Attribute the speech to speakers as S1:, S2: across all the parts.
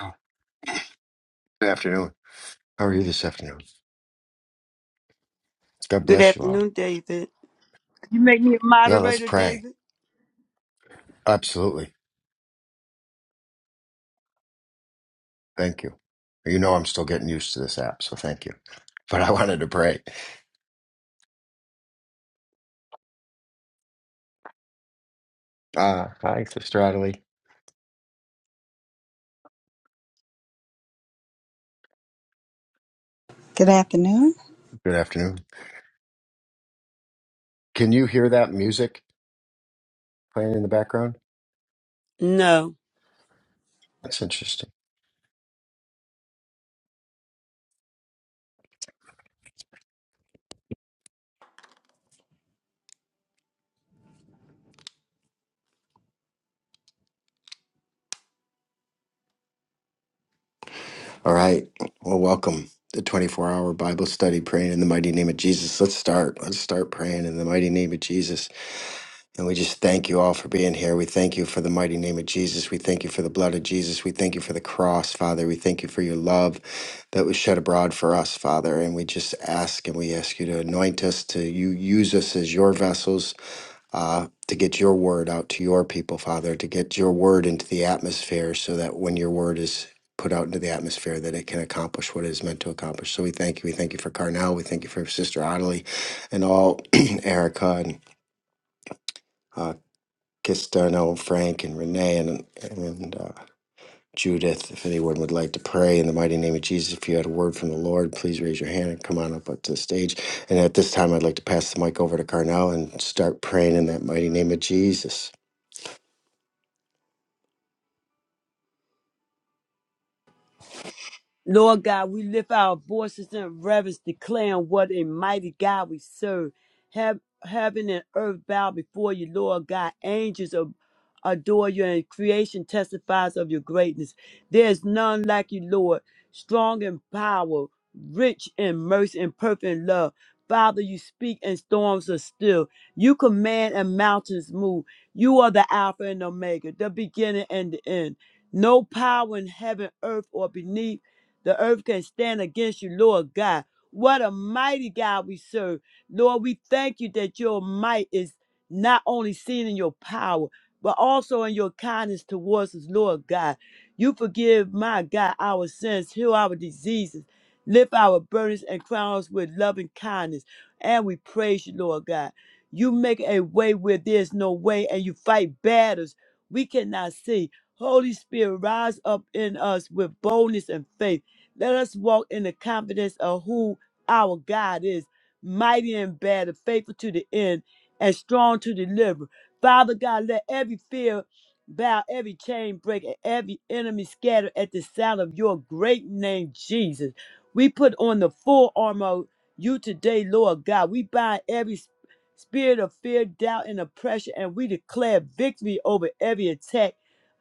S1: Now, Good afternoon. How are you this afternoon? God
S2: Good
S1: bless you all.
S2: afternoon, David. You make me a
S1: Yeah, let's
S2: moderator,
S1: pray.
S2: David?
S1: Absolutely. Thank you. You know, I'm still getting used to this app, so thank you. But I wanted to pray. Uh, hi, Sister Adelie.
S3: Good afternoon.
S1: Good afternoon. Can you hear that music playing in the background?
S2: No.
S1: That's interesting. All right. Well, welcome to 24 hour Bible study, praying in the mighty name of Jesus. Let's start. Let's start praying in the mighty name of Jesus. And we just thank you all for being here. We thank you for the mighty name of Jesus. We thank you for the blood of Jesus. We thank you for the cross, Father. We thank you for your love that was shed abroad for us, Father. And we just ask and we ask you to anoint us, to you use us as your vessels uh, to get your word out to your people, Father, to get your word into the atmosphere so that when your word is put out into the atmosphere that it can accomplish what it is meant to accomplish. So we thank you. We thank you for Carnell. We thank you for Sister Ottilie and all Erica and uh, Kisterno, Frank, and Renee, and, and uh, Judith, if anyone would like to pray in the mighty name of Jesus, if you had a word from the Lord, please raise your hand and come on up to the stage. And at this time, I'd like to pass the mic over to Carnell and start praying in that mighty name of Jesus.
S2: Lord God, we lift our voices in reverence, declaring what a mighty God we serve. Heav- heaven and earth bow before you, Lord God. Angels ab- adore you, and creation testifies of your greatness. There is none like you, Lord, strong in power, rich in mercy, and perfect in love. Father, you speak and storms are still. You command and mountains move. You are the Alpha and Omega, the beginning and the end. No power in heaven, earth, or beneath the earth can stand against you, Lord God. What a mighty God we serve. Lord, we thank you that your might is not only seen in your power, but also in your kindness towards us, Lord God. You forgive, my God, our sins, heal our diseases, lift our burdens, and crown us with loving kindness. And we praise you, Lord God. You make a way where there's no way, and you fight battles we cannot see. Holy Spirit, rise up in us with boldness and faith. Let us walk in the confidence of who our God is, mighty in battle, faithful to the end, and strong to deliver. Father God, let every fear bow, every chain break, and every enemy scatter at the sound of your great name, Jesus. We put on the full armor of you today, Lord God. We bind every sp- spirit of fear, doubt, and oppression, and we declare victory over every attack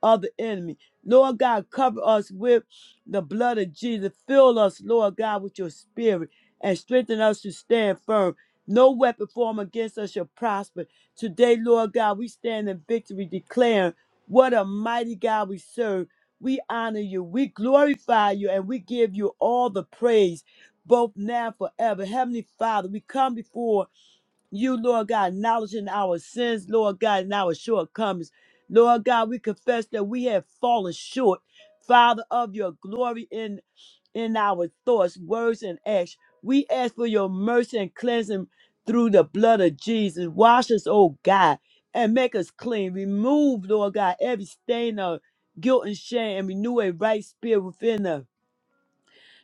S2: of the enemy. Lord God, cover us with the blood of Jesus. Fill us, Lord God, with your spirit and strengthen us to stand firm. No weapon formed against us shall prosper. Today, Lord God, we stand in victory, declaring what a mighty God we serve. We honor you, we glorify you, and we give you all the praise, both now and forever. Heavenly Father, we come before you, Lord God, acknowledging our sins, Lord God, and our shortcomings. Lord God, we confess that we have fallen short, Father, of your glory in, in our thoughts, words, and acts. We ask for your mercy and cleansing through the blood of Jesus. Wash us, oh God, and make us clean. Remove, Lord God, every stain of guilt and shame and renew a right spirit within us.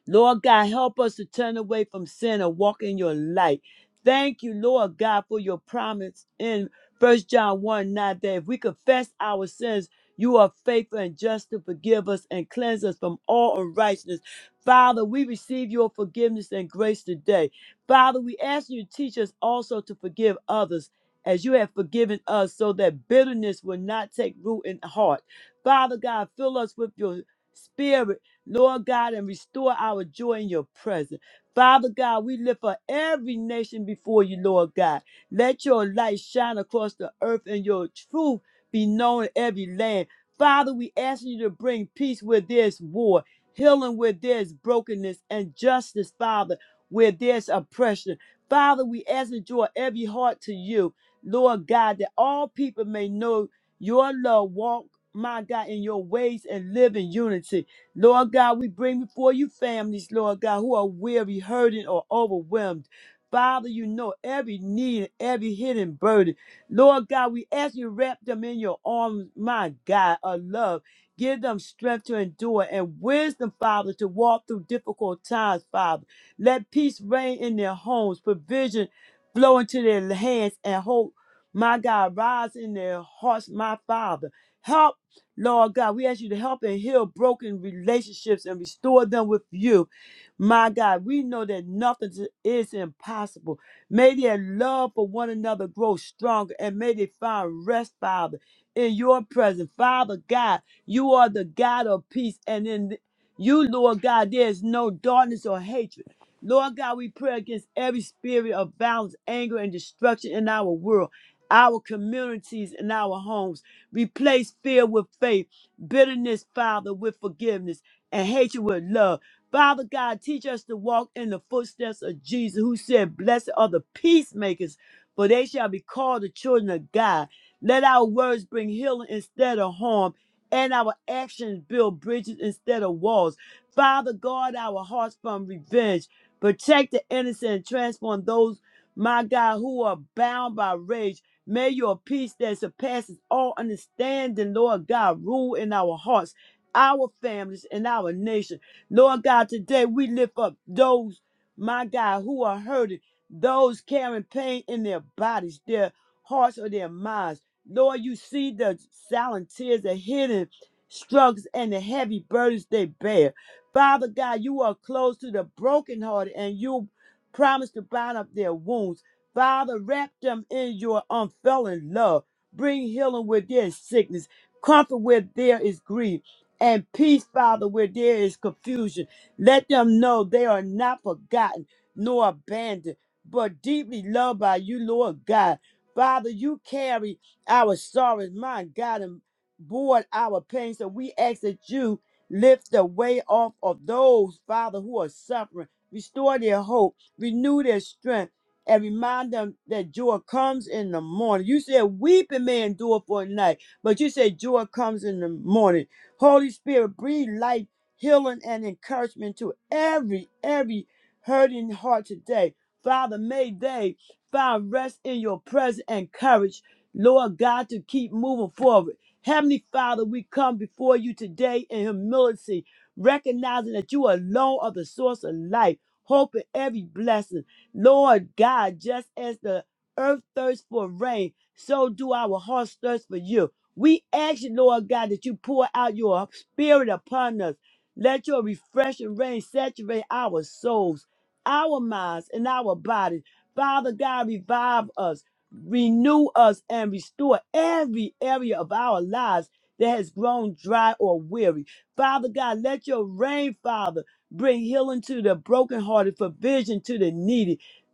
S2: Lord God, help us to turn away from sin and walk in your light. Thank you, Lord God, for your promise in First John 1 9 that if we confess our sins, you are faithful and just to forgive us and cleanse us from all unrighteousness. Father, we receive your forgiveness and grace today. Father, we ask you to teach us also to forgive others as you have forgiven us so that bitterness will not take root in the heart. Father God, fill us with your spirit Lord God, and restore our joy in your presence. Father God, we lift up every nation before you, Lord God. Let your light shine across the earth and your truth be known in every land. Father, we ask you to bring peace where there's war, healing where there's brokenness, and justice, Father, where there's oppression. Father, we ask you to draw every heart to you, Lord God, that all people may know your love, walk, my God, in your ways and live in unity. Lord God, we bring before you families, Lord God, who are weary, hurting, or overwhelmed. Father, you know every need, every hidden burden. Lord God, we ask you to wrap them in your arms, my God, of love. Give them strength to endure and wisdom, Father, to walk through difficult times, Father. Let peace reign in their homes, provision flow into their hands, and hope, my God, rise in their hearts, my Father. Help Lord God, we ask you to help and heal broken relationships and restore them with you. My God, we know that nothing is impossible. May their love for one another grow stronger and may they find rest, Father, in your presence. Father God, you are the God of peace, and in you, Lord God, there is no darkness or hatred. Lord God, we pray against every spirit of violence, anger, and destruction in our world, our communities, and our homes. Replace fear with faith, bitterness, Father, with forgiveness, and hatred with love. Father God, teach us to walk in the footsteps of Jesus, who said, Blessed are the peacemakers, for they shall be called the children of God. Let our words bring healing instead of harm, and our actions build bridges instead of walls. Father, guard our hearts from revenge. Protect the innocent and transform those, my God, who are bound by rage. May your peace that surpasses all understanding, Lord God, rule in our hearts, our families, and our nation. Lord God, today we lift up those, my God, who are hurting, those carrying pain in their bodies, their hearts, or their minds. Lord, you see the silent tears, the hidden struggles, and the heavy burdens they bear. Father God, you are close to the brokenhearted, and you promise to bind up their wounds. Father, wrap them in your unfailing love. Bring healing where there is sickness, comfort where there is grief, and peace, Father, where there is confusion. Let them know they are not forgotten nor abandoned, but deeply loved by you, Lord God. Father, you carry our sorrows, my God, and bore our pain. So we ask that you lift the weight off of those, Father, who are suffering. Restore their hope, renew their strength and remind them that joy comes in the morning. You said weeping may endure for a night, but you said joy comes in the morning. Holy Spirit, breathe life, healing, and encouragement to every, every hurting heart today. Father, may they find rest in your presence and courage, Lord God, to keep moving forward. Heavenly Father, we come before you today in humility, recognizing that you alone are the source of life, hope, and every blessing. Lord God, just as the earth thirsts for rain, so do our hearts thirst for you. We ask you, Lord God, that you pour out your spirit upon us. Let your refreshing rain saturate our souls, our minds, and our bodies. Father God, revive us, renew us, and restore every area of our lives that has grown dry or weary. Father God, let your rain, Father, bring healing to the brokenhearted, provision to the needy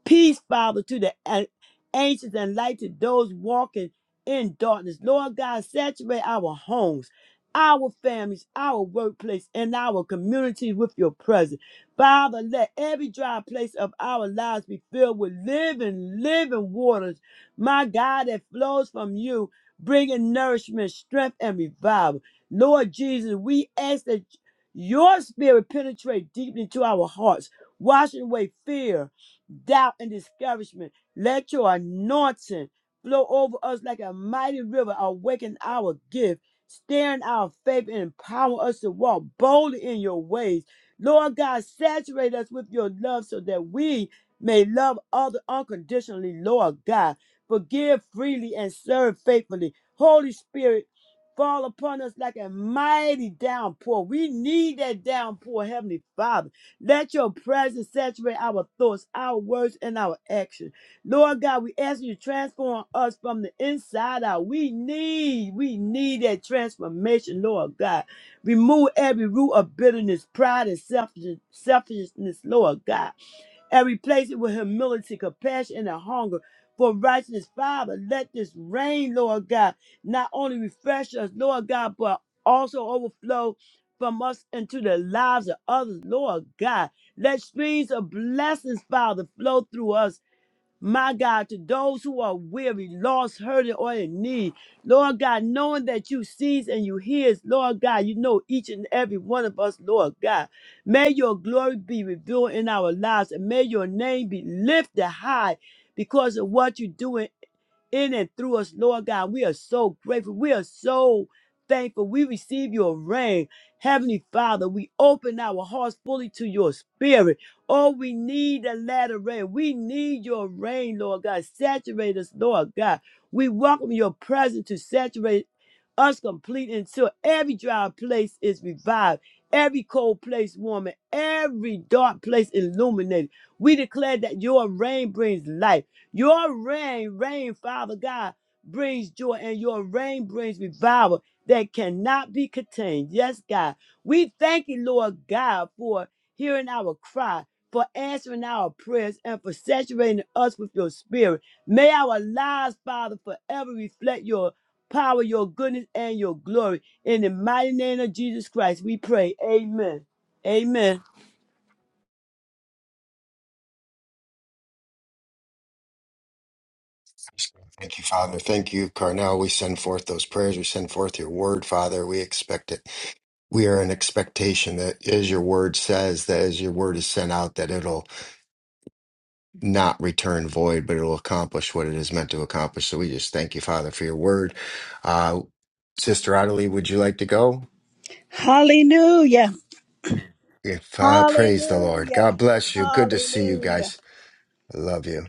S2: Peace, Father, to the a- anxious and light to those walking in darkness. Lord God, saturate our homes, our families, our workplace, and our communities with your presence. Father, let every dry place of our lives be filled with living, living waters, my God, that flows from you, bringing nourishment, strength, and revival. Lord Jesus, we ask that your spirit penetrate deeply into our hearts, washing away fear doubt and discouragement. Let your anointing flow over us like a mighty river, awaken our gift, stir in our faith, and empower us to walk boldly in your ways. Lord God, saturate us with your love so that we may love others unconditionally, Lord God. Forgive freely and serve faithfully. Holy Spirit, fall upon us like a mighty downpour. We need that downpour, Heavenly Father. Let your presence saturate our thoughts, our words, and our actions. Lord God, we ask you to transform us from the inside out. We need, we need that transformation, Lord God. Remove every root of bitterness, pride, and selfish- selfishness, Lord God and replace it with humility, compassion, and a hunger for righteousness. Father, let this rain, Lord God, not only refresh us, Lord God, but also overflow from us into the lives of others, Lord God. Let streams of blessings, Father, flow through us my God, to those who are weary, lost, hurting, or in need, Lord God, knowing that you sees and you hears, Lord God, you know each and every one of us, Lord God. May your glory be revealed in our lives and may your name be lifted high because of what you're doing in and through us, Lord God. We are so grateful. We are so thankful. We receive your rain. Heavenly Father, we open our hearts fully to your spirit. Oh, we need the latter rain. We need your rain, Lord God. Saturate us, Lord God. We welcome your presence to saturate us complete until every dry place is revived, every cold place warm, and every dark place illuminated. We declare that your rain brings life. Your reign, reign, Father God, brings joy, and your reign brings revival that cannot be contained. Yes, God. We thank you, Lord God, for hearing our cry, for answering our prayers, and for saturating us with your spirit. May our lives, Father, forever reflect your power, your goodness, and your glory. In the mighty name of Jesus Christ, we pray. Amen. Amen.
S1: Thank you, Father. Thank you, Carnell. We send forth those prayers. We send forth your word, Father. We expect it. We are in expectation that as your word says, that as your word is sent out, that it'll not return void, but it'll accomplish what it is meant to accomplish. So we just thank you, Father, for your word. Uh, Sister Ottilie, would you like to go?
S3: Hallelujah.
S1: If uh, praise the Lord. God
S3: Hallelujah.
S1: bless you. Good to see you
S3: Hallelujah.
S1: guys. I love you.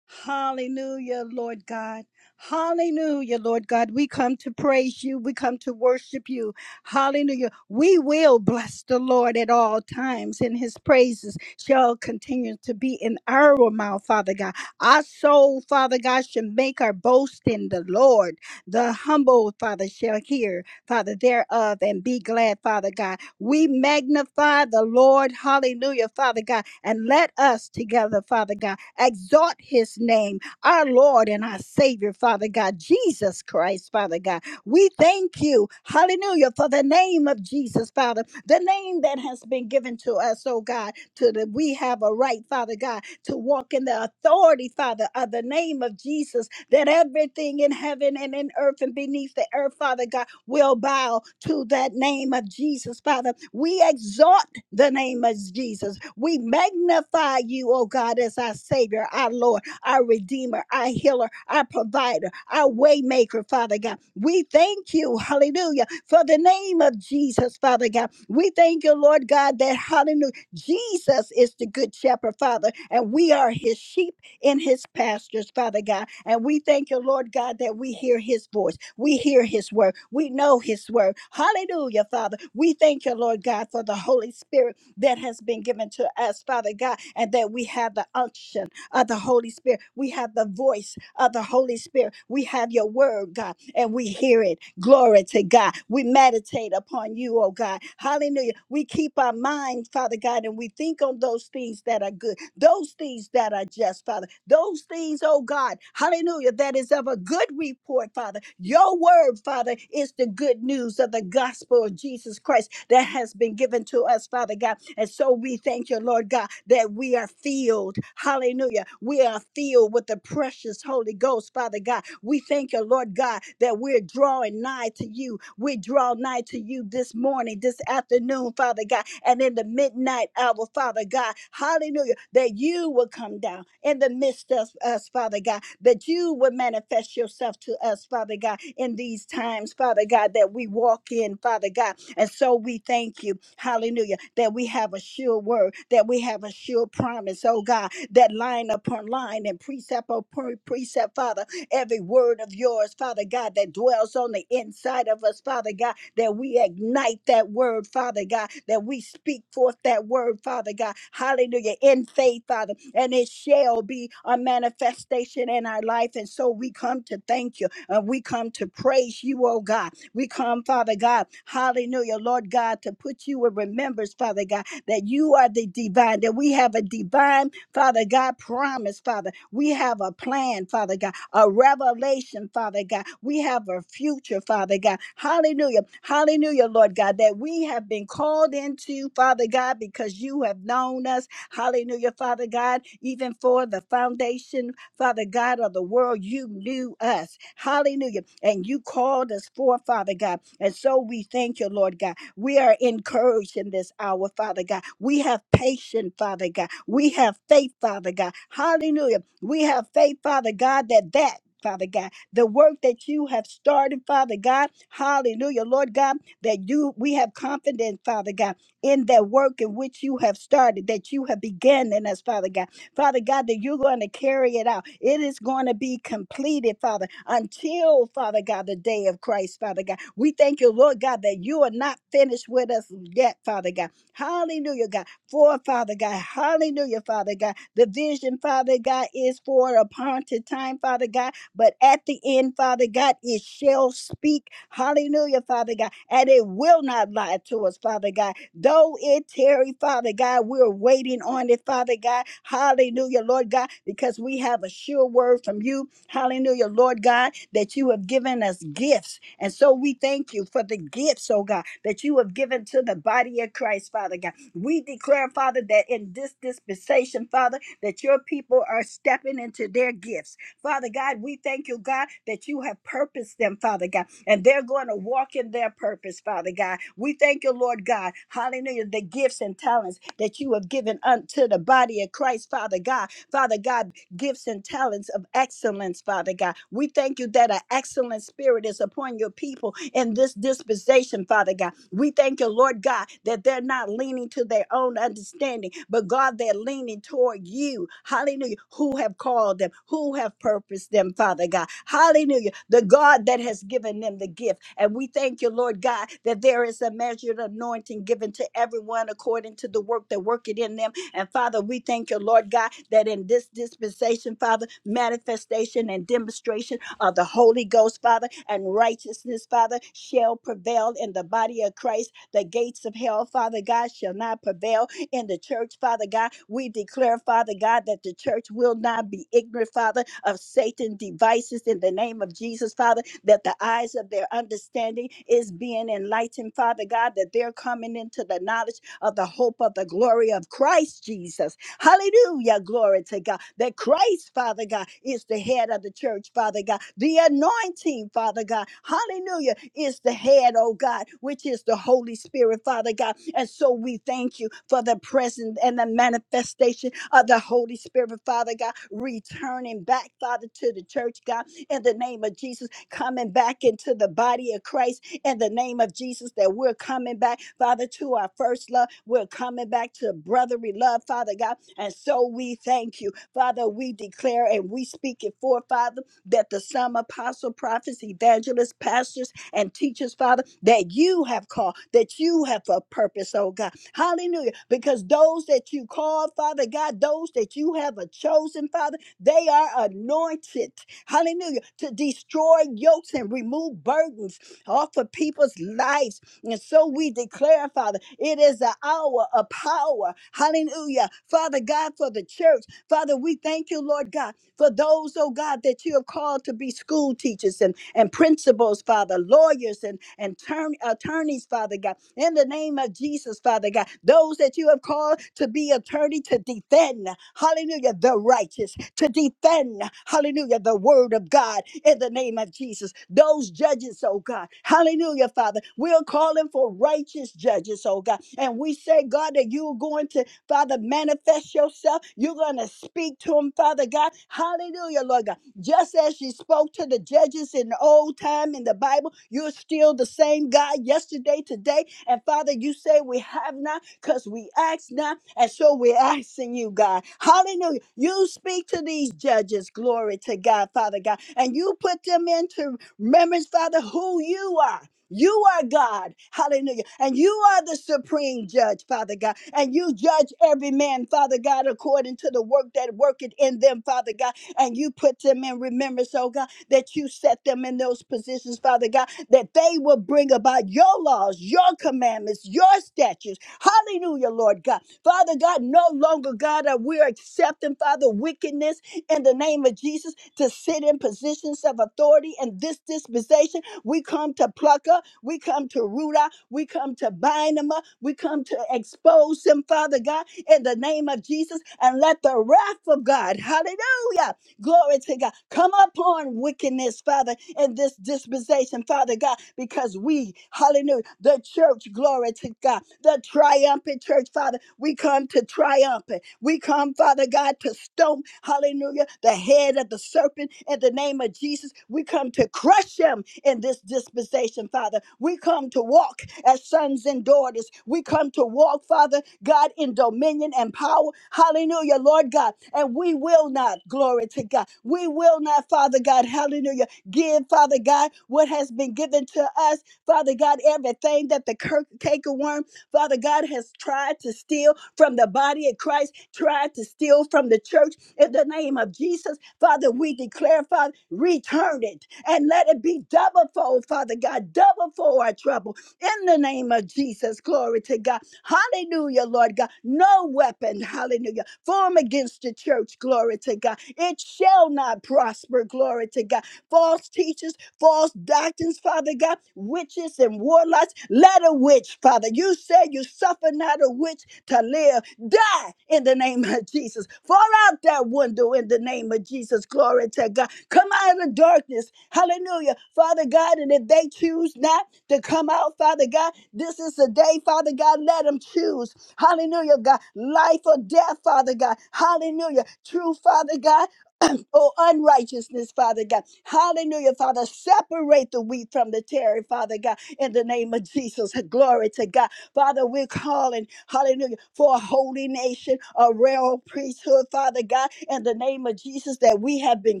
S3: Hallelujah, Lord God. Hallelujah, Lord God. We come to praise you. We come to worship you. Hallelujah. We will bless the Lord at all times, and his praises shall continue to be in our mouth, Father God. Our soul, Father God, should make our boast in the Lord. The humble, Father, shall hear, Father, thereof, and be glad, Father God. We magnify the Lord. Hallelujah, Father God. And let us together, Father God. Exalt his name, our Lord and our Savior, Father God, Jesus Christ, Father God. We thank you, hallelujah, for the name of Jesus, Father, the name that has been given to us, oh God, to that we have a right, Father God, to walk in the authority, Father, of the name of Jesus, that everything in heaven and in earth and beneath the earth, Father God, will bow to that name of Jesus, Father. We exalt the name of Jesus. We magnify you, oh God, as our Savior, our Lord, our Redeemer, our Healer, our Provider, our Waymaker, Father God. We thank you, hallelujah, for the name of Jesus, Father God. We thank you, Lord God, that hallelujah, Jesus is the Good Shepherd, Father, and we are His sheep in his pastures, Father God. And we thank you, Lord God, that we hear his voice. We hear his word. We know his word. Hallelujah, Father. We thank you, Lord God, for the Holy Spirit that has been given to us, Father God, and that we have the unction of the Holy Spirit. We have the voice of the Holy Spirit. We have your word, God, and we hear it. Glory to God. We meditate upon you, oh God. Hallelujah. We keep our mind, Father God, and we think on those things that are good those things that are just, Father, those things, oh God, hallelujah, that is of a good report, Father. Your word, Father, is the good news of the gospel of Jesus Christ that has been given to us, Father God. And so we thank you, Lord God, that we are filled, hallelujah, we are filled with the precious Holy Ghost, Father God. We thank you, Lord God, that we're drawing nigh to you. We draw nigh to you this morning, this afternoon, Father God, and in the midnight hour, Father God. Hallelujah. That you will come down in the midst of us, Father God, that you will manifest yourself to us, Father God, in these times, Father God, that we walk in, Father God. And so we thank you, hallelujah, that we have a sure word, that we have a sure promise, oh God, that line upon line and precept upon precept, Father every word of yours, Father God, that dwells on the inside of us, Father God, that we ignite that word, Father God, that we speak forth that word, Father God. Hallelujah. In faith, Father, and it shall be a manifestation in our life. And so we come to thank you and we come to praise you, oh God. We come, Father God, hallelujah, Lord God, to put you in remembrance, Father God, that you are the divine, that we have a divine Father God, promise, Father. We have a plan, Father God, a revelation, Father God. We have a future, Father God. Hallelujah. Hallelujah, Lord God, that we have been called into, Father God, because you have known us. Hallelujah, Father God, even for the foundation, Father God of the world, you knew us. Hallelujah. And you called us for, Father God. And so we thank you, Lord God. We are encouraged in this hour, Father God. We have patience, Father God. We have faith, Father God. Hallelujah. We have faith, Father God, that that Father God, the work that you have started, Father God, hallelujah, Lord God, that you we have confidence, Father God, in that work in which you have started, that you have begun in us, Father God. Father God, that you're going to carry it out. It is going to be completed, Father, until, Father God, the day of Christ, Father God. We thank you, Lord God, that you are not finished with us yet, Father God. Hallelujah, God. For, Father God, hallelujah, Father God. The vision, Father God, is for a appointed time, Father God. But at the end, Father God, it shall speak. Hallelujah, Father God. And it will not lie to us, Father God Though it tarry, Father God, we're waiting on it, Father God. Hallelujah, Lord God, because we have a sure word from you. Hallelujah, Lord God, that you have given us gifts. And so we thank you for the gifts, oh God, that you have given to the body of Christ, Father God. We declare, Father, that in this dispensation, Father, that your people are stepping into their gifts. Father God, we thank you, God, that you have purposed them, Father God and they're going to walk in their purpose, Father God. We thank you, Lord God. Hallelujah. The gifts and talents that you have given unto the body of Christ, Father God. Father God, gifts and talents of excellence, Father God. We thank you that an excellent spirit is upon your people in this dispensation, Father God. We thank you, Lord God, that they're not leaning to their own understanding, but God, they're leaning toward you, hallelujah, who have called them, who have purposed them, Father God. Hallelujah, the God that has given them the gift. And we thank you, Lord God, that there is a measured anointing given to everyone according to the work that worketh in them and Father, we thank you, Lord God, that in this dispensation, Father, manifestation and demonstration of the Holy Ghost, Father, and righteousness, Father, shall prevail in the body of Christ. The gates of hell, Father God, shall not prevail in the church, Father God. We declare, Father God, that the church will not be ignorant, Father, of Satan's devices in the name of Jesus, Father, that the eyes of their understanding is being enlightened, Father God, that they're coming into the knowledge of the hope of the glory of Christ Jesus. Hallelujah. Glory to God. That Christ, Father God, is the head of the church, Father God. The anointing, Father God. Hallelujah. Is the head, oh God, which is the Holy Spirit, Father God. And so we thank you for the presence and the manifestation of the Holy Spirit, Father God, returning back, Father, to the church, God, in the name of Jesus, coming back into the body of Christ in the name of Jesus that we're coming back, Father, to our first love. We're coming back to brotherly love, Father God. And so we thank you, Father. We declare and we speak it for, Father, that the some apostle, prophets, evangelists, pastors, and teachers, Father, that you have called, that you have a purpose, oh God. Hallelujah. Because those that you call, Father God, those that you have a chosen, Father, they are anointed hallelujah, to destroy yokes and remove burdens offer people's lives. And so we declare, Father, it is the hour of power. Hallelujah. Father God, for the church. Father, we thank you, Lord God for those, oh God, that you have called to be school teachers and, and principals, Father, lawyers and, and turn, attorneys, Father God, in the name of Jesus, Father God, those that you have called to be attorney to defend, hallelujah, the righteous, to defend, hallelujah, the word of God in the name of Jesus. Those judges, oh God, hallelujah, Father, we're calling for righteous judges, oh God, and we say, God, that you're going to Father, manifest yourself. You're going to speak to them, Father God. Hallelujah, Lord God. Just as you spoke to the judges in the old time in the Bible, you're still the same God yesterday, today. And Father, you say we have not because we ask not. And so we're asking you, God. Hallelujah. You speak to these judges. Glory to God, Father God. And you put them into remembrance, Father, who you are. You are God, hallelujah, and you are the supreme judge, Father God, and you judge every man, Father God, according to the work that worketh in them, Father God, and you put them in remembrance, oh God, that you set them in those positions, Father God, that they will bring about your laws, your commandments, your statutes, hallelujah, Lord God. Father God, no longer, God, are we accepting, Father, wickedness in the name of Jesus to sit in positions of authority in this dispensation we come to pluck her. We come to root her. We come to bind them up. We come to expose them, Father God, in the name of Jesus. And let the wrath of God, hallelujah, glory to God, come upon wickedness, Father, in this dispensation, Father God, because we, hallelujah, the church, glory to God, the triumphant church, Father, we come to triumphant. We come, Father God, to stomp, hallelujah, the head of the serpent in the name of Jesus, we come to crush them in this dispensation, Father. We come to walk as sons and daughters. We come to walk, Father God, in dominion and power. Hallelujah, Lord God. And we will not, glory to God. We will not, Father God, hallelujah, give, Father God, what has been given to us, Father God, everything that the cur- cankerworm, Father God, has tried to steal from the body of Christ, tried to steal from the church. In the name of Jesus, Father, we declare, Father, return it and let it be double fold, Father God, double for our trouble. In the name of Jesus, glory to God. Hallelujah, Lord God. No weapon, hallelujah, form against the church, glory to God. It shall not prosper, glory to God. False teachers, false doctrines, Father God, witches and warlocks. Let a witch, Father. You said you suffer not a witch to live. Die in the name of Jesus. Fall out that window in the name of Jesus. Glory to God. Come out of darkness. Hallelujah. Father God, and if they choose not to come out, Father God, this is the day, Father God, let them choose. Hallelujah, God. Life or death, Father God. Hallelujah. True, Father God. Oh, unrighteousness, Father God. Hallelujah, Father. Separate the wheat from the tare, Father God, in the name of Jesus. Glory to God. Father, we're calling, hallelujah, for a holy nation, a royal priesthood, Father God, in the name of Jesus that we have been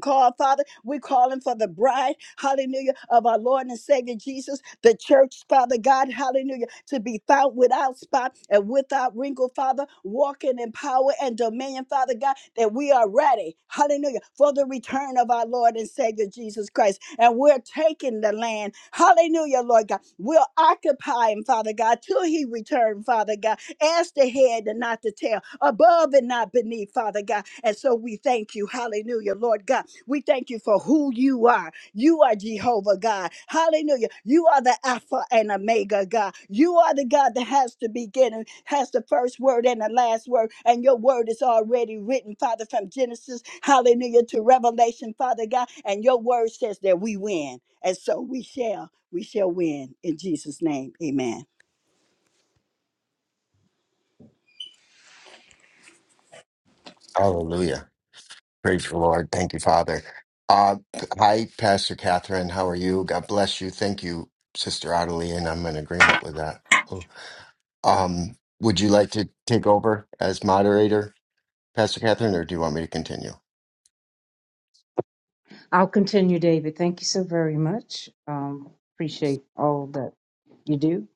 S3: called, Father. We're calling for the bride, hallelujah, of our Lord and Savior Jesus, the church, Father God, hallelujah, to be found without spot and without wrinkle, Father, walking in power and dominion, Father God that we are ready, hallelujah, for the return of our Lord and Savior Jesus Christ. And we're taking the land, hallelujah, Lord God. We'll occupy him, Father God, till he return, Father God, as the head and not the tail, above and not beneath, Father God. And so we thank you, hallelujah, Lord God. We thank you for who you are. You are Jehovah God. Hallelujah. You are the Alpha and Omega God. You are the God that has the beginning, has the first word and the last word. And your word is already written, Father, from Genesis, hallelujah, to Revelation, Father God. And your word says that we win. And so we shall, we shall win in Jesus' name. Amen.
S1: Hallelujah. Praise the Lord. Thank you, Father. Uh, hi, Pastor Catherine. How are you? God bless you. Thank you, Sister Ottilie, and I'm in agreement with that. Um, would you like to take over as moderator? Pastor Catherine, or do you want me to continue?
S4: I'll continue, David. Thank you so very much. Um, appreciate all that you do.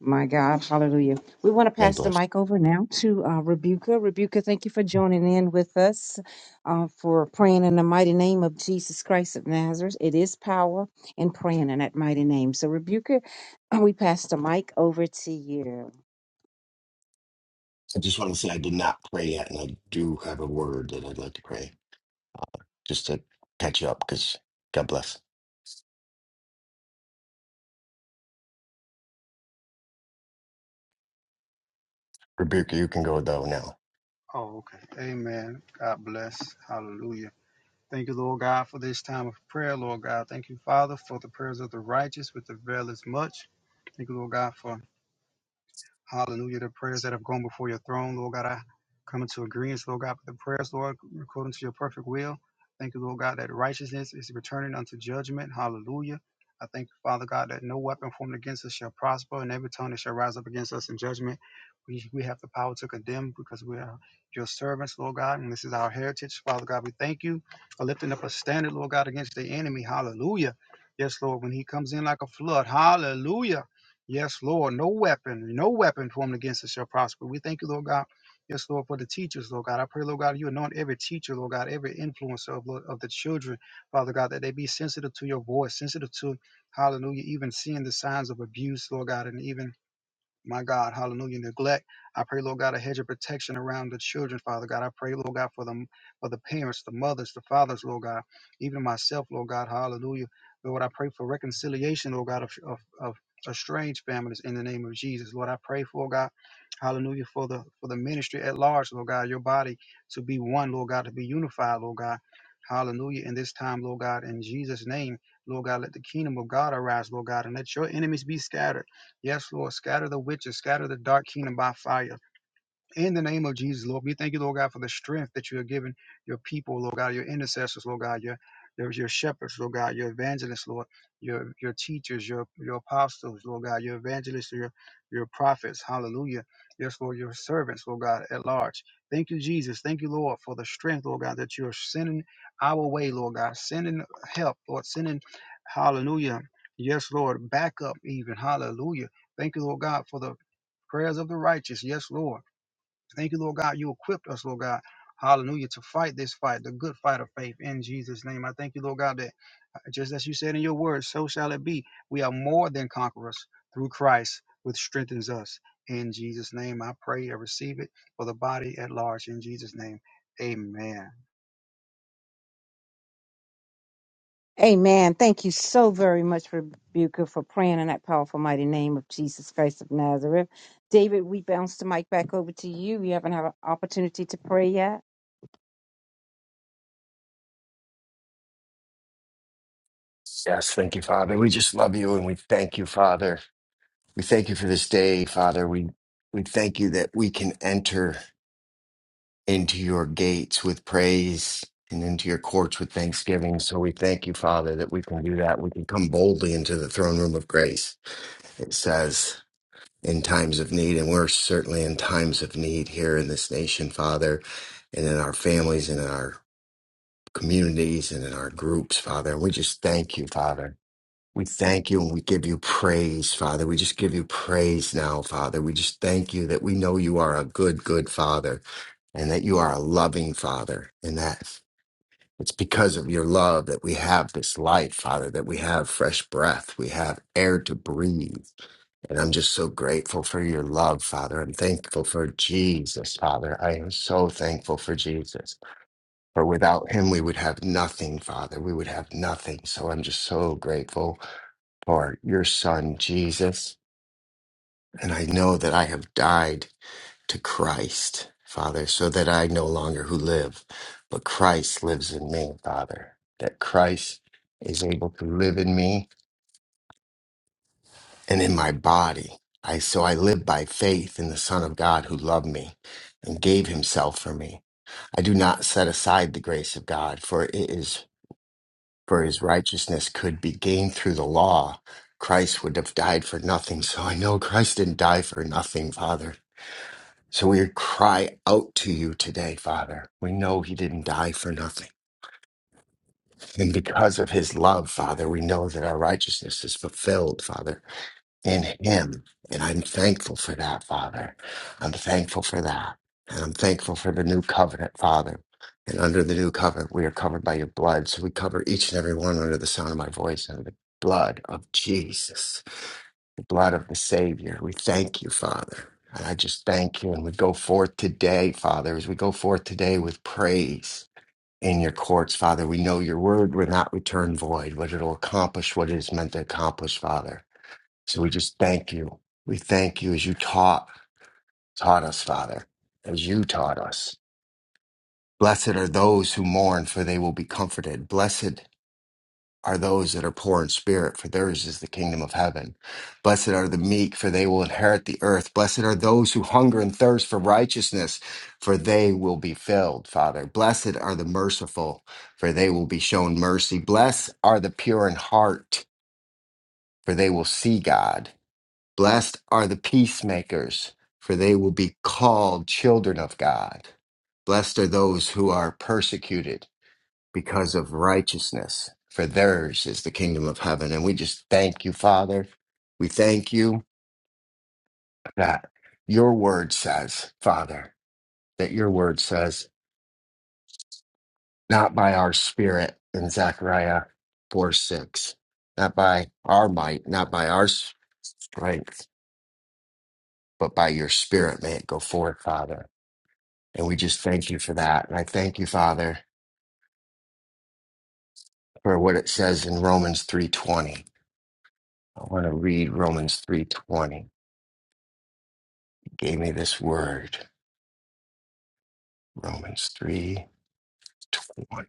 S4: My God, hallelujah. We want to
S1: May
S4: pass the
S1: bless.
S4: mic over now to uh, Rebuka. Rebuka, thank you for joining in with us uh, for praying in the mighty name of Jesus Christ of Nazareth. It is power in praying in that mighty name. So, Rebuka, we pass the mic over to you.
S1: I just want to say I did not pray yet, and I do have a word that I'd like to pray just to catch you up because God bless. Rebuke, you can go though now.
S5: Oh, okay. Amen. God bless. Hallelujah. Thank you, Lord God, for this time of prayer, Lord God. Thank you, Father, for the prayers of the righteous, which avail as much. Thank you, Lord God, for Hallelujah. The prayers that have gone before your throne, Lord God, I come into agreement, Lord God, with the prayers, Lord, according to your perfect will. Thank you, Lord God, that righteousness is returning unto judgment. Hallelujah. I thank you, Father God, that no weapon formed against us shall prosper, and every tongue that shall rise up against us in judgment, we, we have the power to condemn because we are your servants, Lord God, and this is our heritage. Father God, we thank you for lifting up a standard, Lord God, against the enemy. Hallelujah. Yes, Lord, when he comes in like a flood. Hallelujah. Yes, Lord. No weapon, no weapon formed against us shall prosper. We thank you, Lord God. Yes, Lord, for the teachers, Lord God. I pray, Lord God, you anoint every teacher, Lord God, every influencer of, Lord- of the children, Father God, that they be sensitive to your voice, sensitive to, hallelujah, even seeing the signs of abuse, Lord God, and even my God, hallelujah, neglect. I pray, Lord God, a hedge of protection around the children, Father God. I pray, Lord God, for them, for the parents, the mothers, the fathers, Lord God, even myself, Lord God, hallelujah. Lord, I pray for reconciliation, Lord God, of, of, of estranged families in the name of Jesus. Lord, I pray for God, hallelujah, for the for the ministry at large, Lord God, your body to be one, Lord God, to be unified, Lord God. Hallelujah. In this time, Lord God, in Jesus' name, Lord God, let the kingdom of God arise, Lord God, and let your enemies be scattered. Yes, Lord, scatter the witches, scatter the dark kingdom by fire. In the name of Jesus, Lord, we thank you, Lord God, for the strength that you are giving your people, Lord God, your intercessors, Lord God, your your, your shepherds, Lord God, your evangelists, Lord, your your teachers, your your apostles, Lord God, your evangelists, your your prophets, hallelujah. Yes, Lord, your servants, Lord God, at large. Thank you, Jesus. Thank you, Lord, for the strength, Lord God, that you're sending our way, Lord God, sending help, Lord, sending, hallelujah. Yes, Lord, back up even, hallelujah. Thank you, Lord God, for the prayers of the righteous. Yes, Lord. Thank you, Lord God. You equipped us, Lord God. Hallelujah. To fight this fight, the good fight of faith in Jesus' name. I thank you, Lord God, that uh, just as you said in your word, so shall it be. We are more than conquerors through Christ, which strengthens us. In Jesus' name, I pray and receive it for the body at large. In Jesus' name, amen.
S4: Amen. Thank you so very much, Rebuka, for praying in that powerful, mighty name of Jesus Christ of Nazareth. David, we bounce the mic back over to you. You haven't had an opportunity to pray yet.
S1: Yes, thank you, Father. We just love you and we thank you, Father. We thank you for this day, Father. We we thank you that we can enter into your gates with praise and into your courts with thanksgiving. So we thank you, Father, that we can do that. We can come boldly into the throne room of grace. It says. in times of need. And we're certainly in times of need here in this nation, Father, and in our families and in our communities and in our groups, Father. And we just thank you, Father. We thank you and we give you praise, Father. We just give you praise now, Father. We just thank you that we know you are a good, good Father and that you are a loving Father and that it's because of your love that we have this life, Father, that we have fresh breath, we have air to breathe and I'm just so grateful for your love, Father. I'm thankful for Jesus, Father. I am so thankful for Jesus. For without him, we would have nothing, Father. We would have nothing. So I'm just so grateful for your son, Jesus. And I know that I have died to Christ, Father, so that I no longer who live, but Christ lives in me, Father. That Christ is able to live in me and in my body. I so I live by faith in the Son of God who loved me and gave himself for me. I do not set aside the grace of God, for it is for his righteousness could be gained through the law. Christ would have died for nothing. So I know Christ didn't die for nothing, Father. So we cry out to you today, Father. We know he didn't die for nothing. And because of his love, Father, we know that our righteousness is fulfilled, Father. in Him. And I'm thankful for that, Father. I'm thankful for that. And I'm thankful for the new covenant, Father. And under the new covenant, we are covered by your blood. So we cover each and every one under the sound of my voice under the blood of Jesus, the blood of the Savior. We thank you, Father. And I just thank you. And we go forth today, Father, as we go forth today with praise in your courts, Father. We know your word will not return void, but it'll accomplish what it is meant to accomplish, Father. So we just thank you. We thank you as you taught taught us, Father, as you taught us. Blessed are those who mourn, for they will be comforted. Blessed are those that are poor in spirit, for theirs is the kingdom of heaven. Blessed are the meek, for they will inherit the earth. Blessed are those who hunger and thirst for righteousness, for they will be filled, Father. Blessed are the merciful, for they will be shown mercy. Blessed are the pure in heart, for they will see God. Blessed are the peacemakers, for they will be called children of God. Blessed are those who are persecuted because of righteousness, for theirs is the kingdom of heaven. And we just thank you, Father. We thank you that your word says, Father, that your word says, not by our spirit in Zechariah 4 6, not by our might, not by our strength, but by your spirit may it go forth, Father. And we just thank you for that. And I thank you, Father, for what it says in Romans 3:20. I want to read Romans 3:20. You gave me this word, Romans 3:20.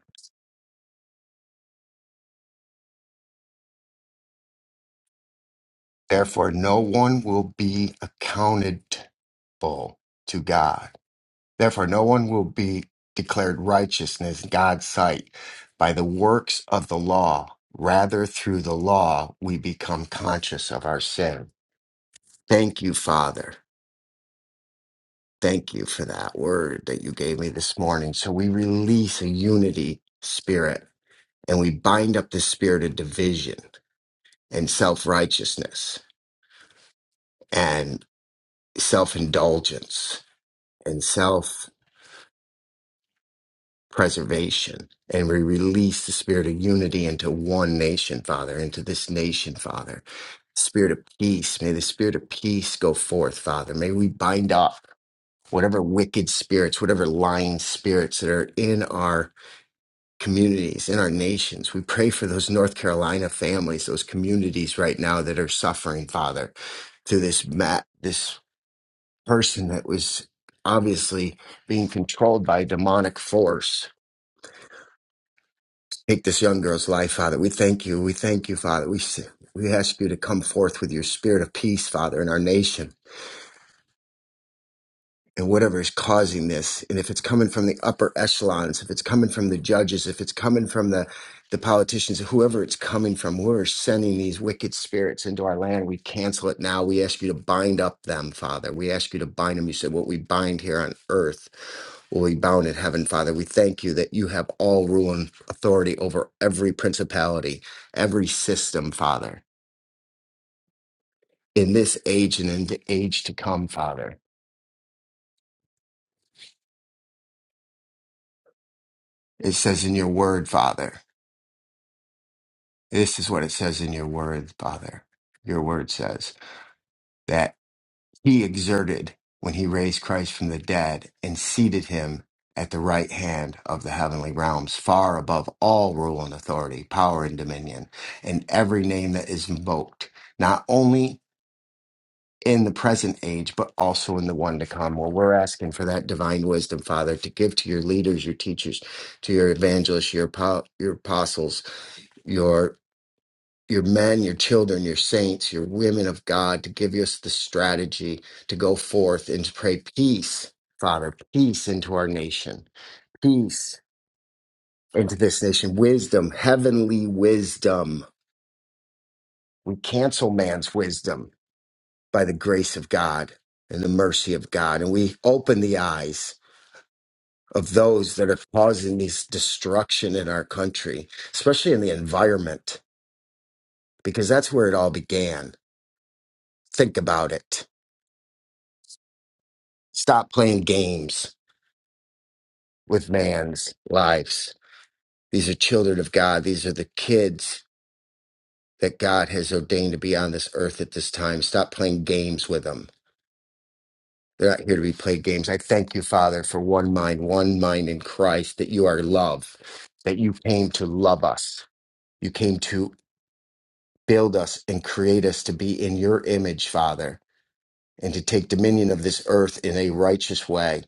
S1: Therefore no one will be accountable to God. Therefore no one will be declared righteousness in God's sight by the works of the law. Rather through the law we become conscious of our sin. Thank you, Father Thank you for that word that you gave me this morning. So we release a unity spirit and we bind up the spirit of division and self righteousness and self indulgence and self preservation. And we release the spirit of unity into one nation, Father, into this nation, Father. Spirit of peace. May the spirit of peace go forth, Father. May we bind up whatever wicked spirits, whatever lying spirits that are in our communities, in our nations. We pray for those North Carolina families, those communities right now that are suffering, Father, to this mat, this person that was obviously being controlled by a demonic force. Take this young girl's life, Father. We thank you. We thank you, Father. We s- we ask you to come forth with your spirit of peace, Father, in our nation. and whatever is causing this and if it's coming from the upper echelons if it's coming from the judges if it's coming from the the politicians whoever it's coming from we're sending these wicked spirits into our land we cancel it now we ask you to bind up them father we ask you to bind them you said what we bind here on earth will be bound in heaven father we thank you that you have all rule and authority over every principality every system father in this age and in the age to come father it says in your word father This is what it says in your word, Father. Your word says that he exerted when he raised Christ from the dead and seated him at the right hand of the heavenly realms, far above all rule and authority, power and dominion, and every name that is invoked, not only in the present age, but also in the one to come. Well, we're asking for that divine wisdom, Father, to give to your leaders, your teachers, to your evangelists, your, apo- your apostles, your your men, your children, your saints, your women of God to give us the strategy to go forth and to pray peace, Father, peace into our nation, peace into this nation, wisdom, heavenly wisdom. We cancel man's wisdom by the grace of God and the mercy of God. And we open the eyes of those that are causing this destruction in our country, especially in the environment, because that's where it all began. Think about it Stop playing games with man's lives. These are children of God. These are the kids that God has ordained to be on this earth at this time. Stop playing games with them. They're not here to be played games. I thank you, Father, for one mind, one mind in Christ, that you are love, that you came to love us. You came to build us and create us to be in your image, Father. and to take dominion of this earth in a righteous way,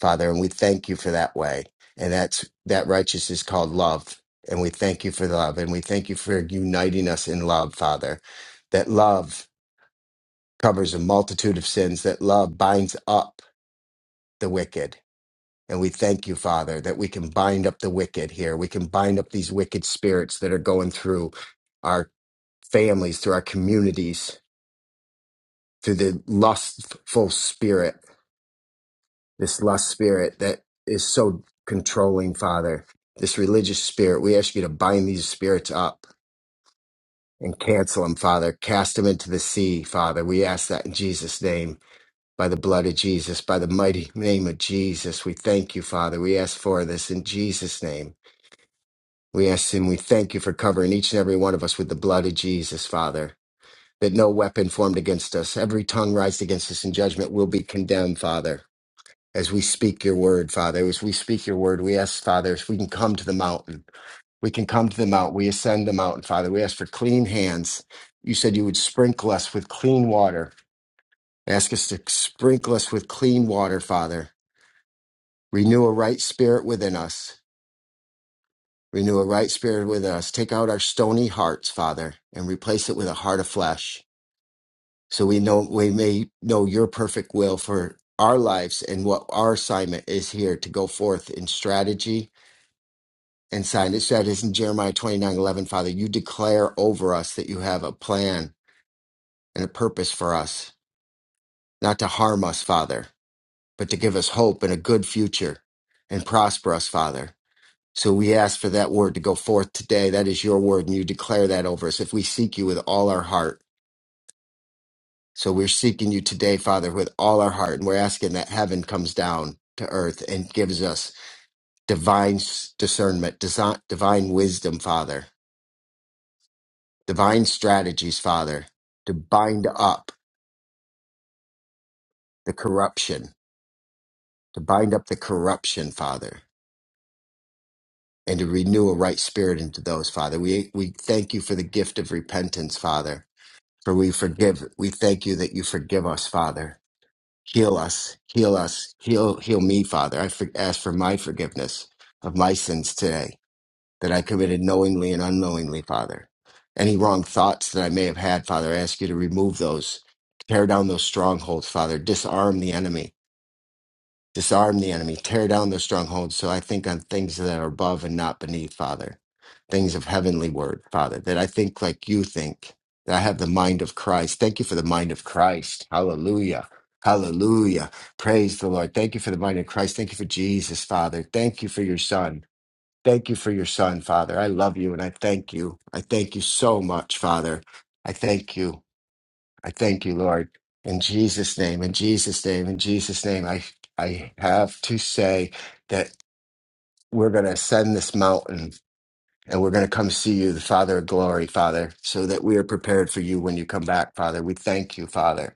S1: Father. And we thank you for that way. And that's that righteousness is called love. And we thank you for love. And we thank you for uniting us in love, Father. That love covers a multitude of sins, that love binds up the wicked. And we thank you, Father, that we can bind up the wicked here. We can bind up these wicked spirits that are going through our families, through our communities, through the lustful spirit this lust spirit that is so controlling, Father, this religious spirit. We ask you to bind these spirits up and cancel them, Father. Cast them into the sea, Father. We ask that in Jesus' name, by the blood of Jesus, by the mighty name of Jesus. We thank you, Father. We ask for this in Jesus' name. We ask and we thank you for covering each and every one of us with the blood of Jesus, Father. That no weapon formed against us, every tongue rised against us in judgment will be condemned, Father. as we speak your word, Father. As we speak your word, we ask, Father, if we can come to the mountain. We can come to the mountain. We ascend the mountain, Father. We ask for clean hands. You said you would sprinkle us with clean water. Ask us to sprinkle us with clean water, Father. Renew a right spirit within us. Renew a right spirit within us. Take out our stony hearts, Father, and replace it with a heart of flesh. So we know we may know your perfect will for our lives and what our assignment is here to go forth in strategy and sign. It said in Jeremiah twenty nine eleven, Father, you declare over us that you have a plan and a purpose for us, not to harm us, Father, but to give us hope and a good future and prosper us, Father. So we ask for that word to go forth today. That is your word, and you declare that over us if we seek you with all our heart. So we're seeking you today, Father, with all our heart, and we're asking that heaven comes down to earth and gives us divine s- discernment, desi- divine wisdom, Father divine strategies, Father, to bind up the corruption, to bind up the corruption, Father, and to renew a right spirit into those, Father. We we thank you for the gift of repentance, Father. For we forgive. We thank you that you forgive us, Father. Heal us, heal us, heal heal me, Father. I for, ask for my forgiveness of my sins today that I committed knowingly and unknowingly, Father. Any wrong thoughts that I may have had, Father, I ask you to remove those, tear down those strongholds, Father, disarm the enemy, disarm the enemy, tear down those strongholds so I think on things that are above and not beneath, Father, things of heavenly word, Father, that I think like you think, that I have the mind of Christ. Thank you for the mind of Christ. Hallelujah. Hallelujah. Praise the Lord. Thank you for the mind of Christ. Thank you for Jesus, Father. Thank you for your Son. Thank you for your son, Father. I love you and I thank you. I thank you so much, Father. I thank you. I thank you, Lord. In Jesus' name, in Jesus' name, in Jesus' name, I, I have to say that we're going to ascend this mountain and we're going to come see you, the Father of glory, Father, so that we are prepared for you when you come back, Father. We thank you, Father.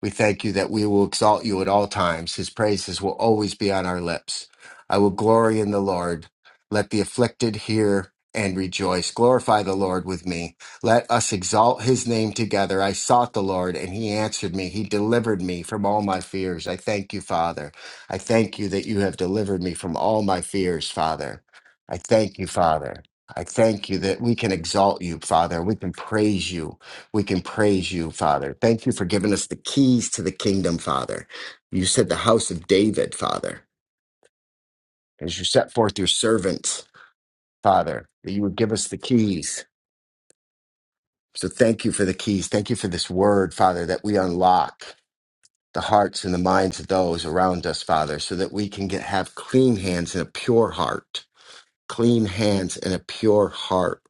S1: We thank you that we will exalt you at all times. His praises will always be on our lips. I will glory in the Lord. Let the afflicted hear and rejoice. Glorify the Lord with me. Let us exalt his name together. I sought the Lord and he answered me. He delivered me from all my fears. I thank you, Father. I thank you that you have delivered me from all my fears, Father. I thank you, Father. I thank you that we can exalt you, Father. We can praise you we can praise you, Father. Thank you for giving us the keys to the kingdom, Father. You said the house of David, Father, as you set forth your servants, Father, that you would give us the keys. So thank you for the keys. Thank you for this word, Father, that we unlock the hearts and the minds of those around us, Father, so that we can get have clean hands and a pure heart. Clean hands and a pure heart.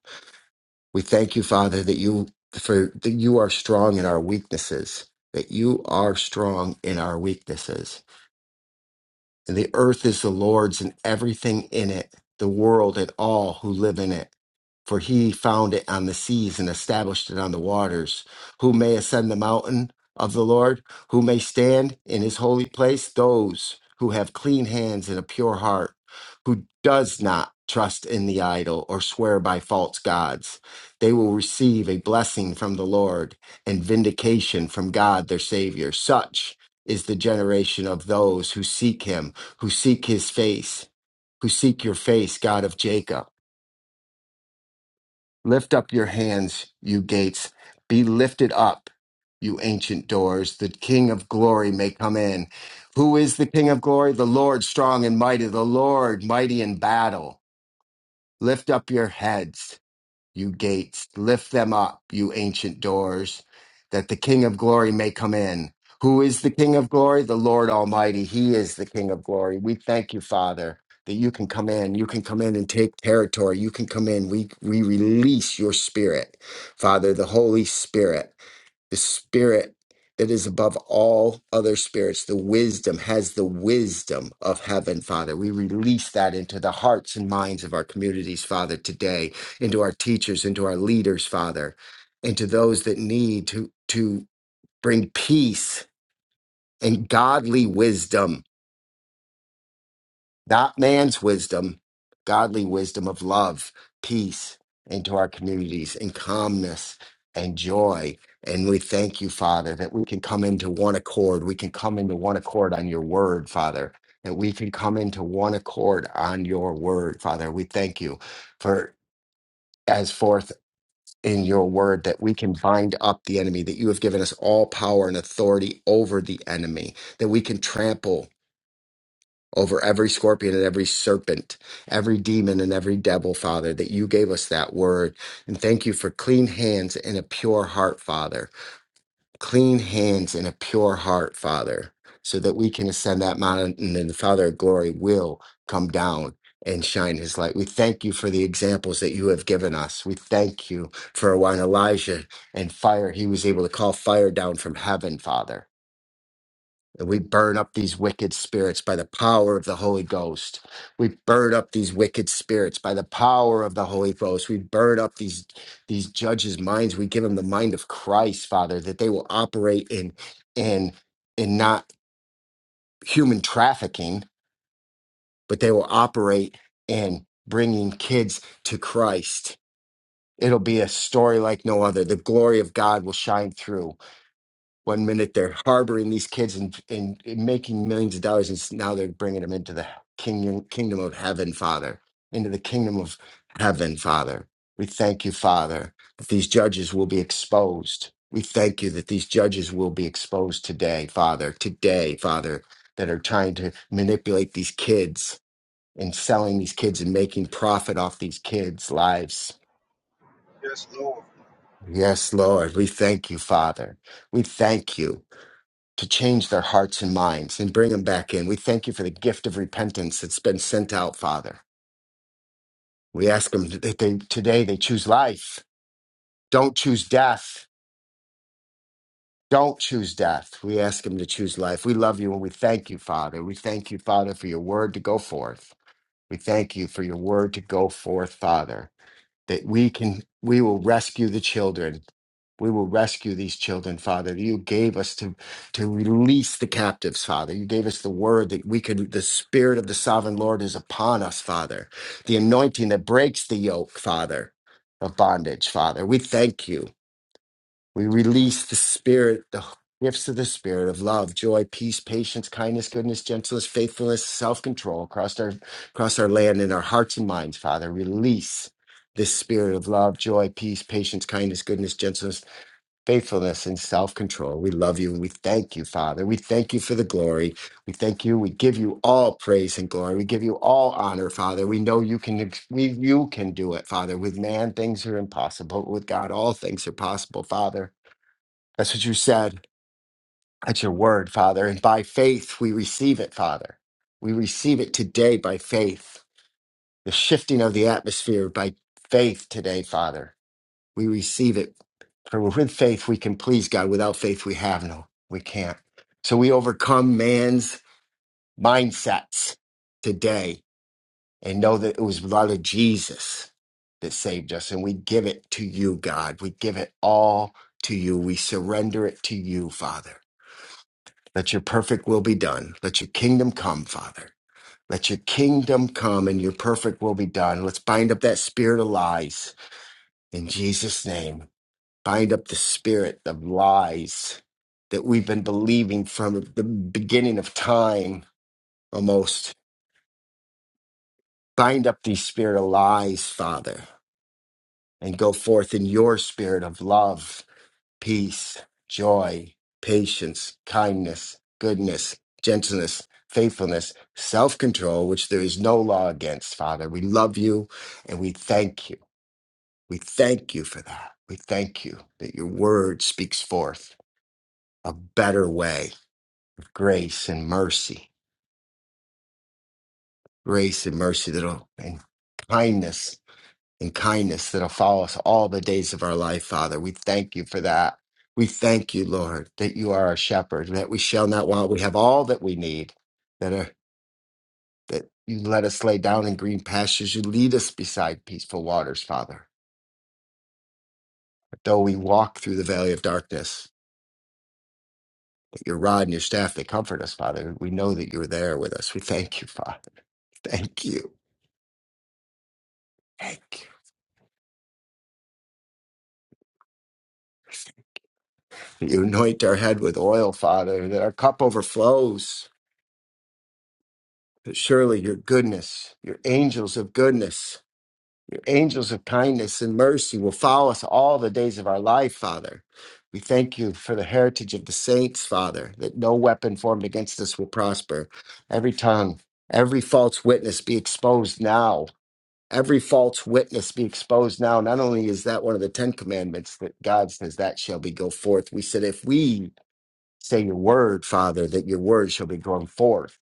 S1: We thank you, Father, that you for that you are strong in our weaknesses, that you are strong in our weaknesses. And the earth is the Lord's and everything in it, the world and all who live in it. For he founded it on the seas and established it on the waters. Who may ascend the mountain of the Lord? Who may stand in his holy place? Those who have clean hands and a pure heart, who does not trust in the idol or swear by false gods. They will receive a blessing from the Lord and vindication from God their Savior. Such is the generation of those who seek him who seek his face, who seek your face, God of Jacob. Lift up your hands, you gates. Be lifted up, you ancient doors. The King of glory may come in. Who is the King of glory? The Lord strong and mighty, the Lord mighty in battle. Lift up your heads. you gates, lift them up, you ancient doors, that the King of glory may come in. Who is the King of glory? The Lord Almighty. He is the King of glory. We thank you, Father, that you can come in. You can come in and take territory. You can come in. We, we release your spirit, Father, the Holy Spirit the spirit that is above all other spirits, the wisdom has the wisdom of heaven, Father. We release that into the hearts and minds of our communities, Father, today, into our teachers, into our leaders, Father, into those that need to, to bring peace and godly wisdom not man's wisdom, godly wisdom of love, peace into our communities, and calmness and joy. And we thank you, Father, that we can come into one accord. We can come into one accord on your word, Father, that we can come into one accord on your word, Father. We thank you for as forth in your word that we can bind up the enemy, that you have given us all power and authority over the enemy, that we can trample over every scorpion and every serpent, every demon and every devil, Father, that you gave us that word. And thank you for clean hands and a pure heart, Father. Clean hands and a pure heart, Father, so that we can ascend that mountain and then the Father of glory will come down. And shine his light. We thank you for the examples that you have given us. We thank you for when Elijah and fire, he was able to call fire down from heaven, Father. And we burn up these wicked spirits by the power of the Holy Ghost. We burn up these wicked spirits by the power of the Holy Ghost. We burn up these, these judges' minds. We give them the mind of Christ, Father, that they will operate in in in not human trafficking, but they will operate in bringing kids to Christ. It'll be a story like no other. The glory of God will shine through One minute they're harboring these kids and, and, and making millions of dollars, and s- now they're bringing them into the kingdom, kingdom of heaven, Father, into the kingdom of heaven, Father. We thank you, Father, that these judges will be exposed. We thank you that these judges will be exposed today, Father, today, Father, that are trying to manipulate these kids and selling these kids and making profit off these kids' lives.
S5: Yes, Lord.
S1: Yes, Lord, we thank you, Father. We thank you to change their hearts and minds and bring them back in. We thank you for the gift of repentance that's been sent out, Father. We ask them that they, today they choose life. Don't choose death. Don't choose death. We ask them to choose life. We love you and we thank you, Father. We thank you, Father, for your word to go forth. We thank you for your word to go forth, Father. that we can we will rescue the children we will rescue these children father you gave us to to release the captives father you gave us the word that we could the spirit of the sovereign lord is upon us father the anointing that breaks the yoke father of bondage father we thank you we release the spirit, the gifts of the spirit of love, joy, peace, patience, kindness, goodness, gentleness, faithfulness, self-control across our across our land and our hearts and minds, Father. Release this spirit of love, joy, peace, patience, kindness, goodness, gentleness, faithfulness, and self-control. We love you and we thank you, Father. We thank you for the glory. We thank you. We give you all praise and glory. We give you all honor, Father. We know you can we you can do it, Father. With man, things are impossible. With God, all things are possible, Father. That's what you said. That's your word, Father. And by faith, we receive it, Father. We receive it today by faith. The shifting of the atmosphere by faith today, Father. We receive it. For with faith, we can please God. Without faith, we have no, we can't. So we overcome man's mindsets today and know that it was the blood of Jesus that saved us. And we give it to you, God. We give it all to you. We surrender it to you, Father. Let your perfect will be done. Let your kingdom come, Father. Let your kingdom come and your perfect will be done. Let's bind up that spirit of lies in Jesus' name. Bind up the spirit of lies that we've been believing from the beginning of time almost. Bind up these spirit of lies, Father, and go forth in your spirit of love peace, joy, patience, kindness, goodness, gentleness, faithfulness, self control, which there is no law against, Father. We love you and we thank you. We thank you for that. We thank you that your word speaks forth a better way of grace and mercy, grace and mercy that'll and kindness and kindness that'll follow us all the days of our life, Father. We thank you for that. We thank you, Lord, that you are our shepherd, that we shall not want. We have all that we need, that, are, that you let us lay down in green pastures. You lead us beside peaceful waters, Father. Though we walk through the valley of darkness, that your rod and your staff, they comfort us, Father. We know that you're there with us. We thank you, Father. Thank you. Thank you. You anoint our head with oil, Father, that our cup overflows But surely your goodness, your angels of goodness, your angels of kindness and mercy will follow us all the days of our life, Father. We thank you for the heritage of the saints, Father, that no weapon formed against us will prosper. Every tongue, every false witness be exposed now. Every false witness be exposed now. Not only is that one of the Ten Commandments that God says that shall be go forth, we said if we Say your word, Father, that your word shall be going forth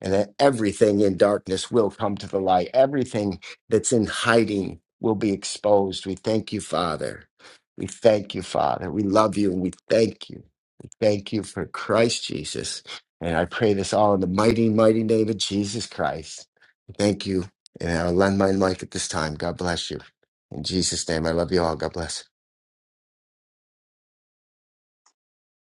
S1: and that everything in darkness will come to the light. Everything that's in hiding will be exposed. We thank you, Father. We thank you, Father. We love you and we thank you. Thank you for Christ Jesus. And I pray this all in the mighty, mighty name of Jesus Christ. Thank you. And I'll lend my mic at this time. God bless you. In Jesus' name, I love you all. God bless.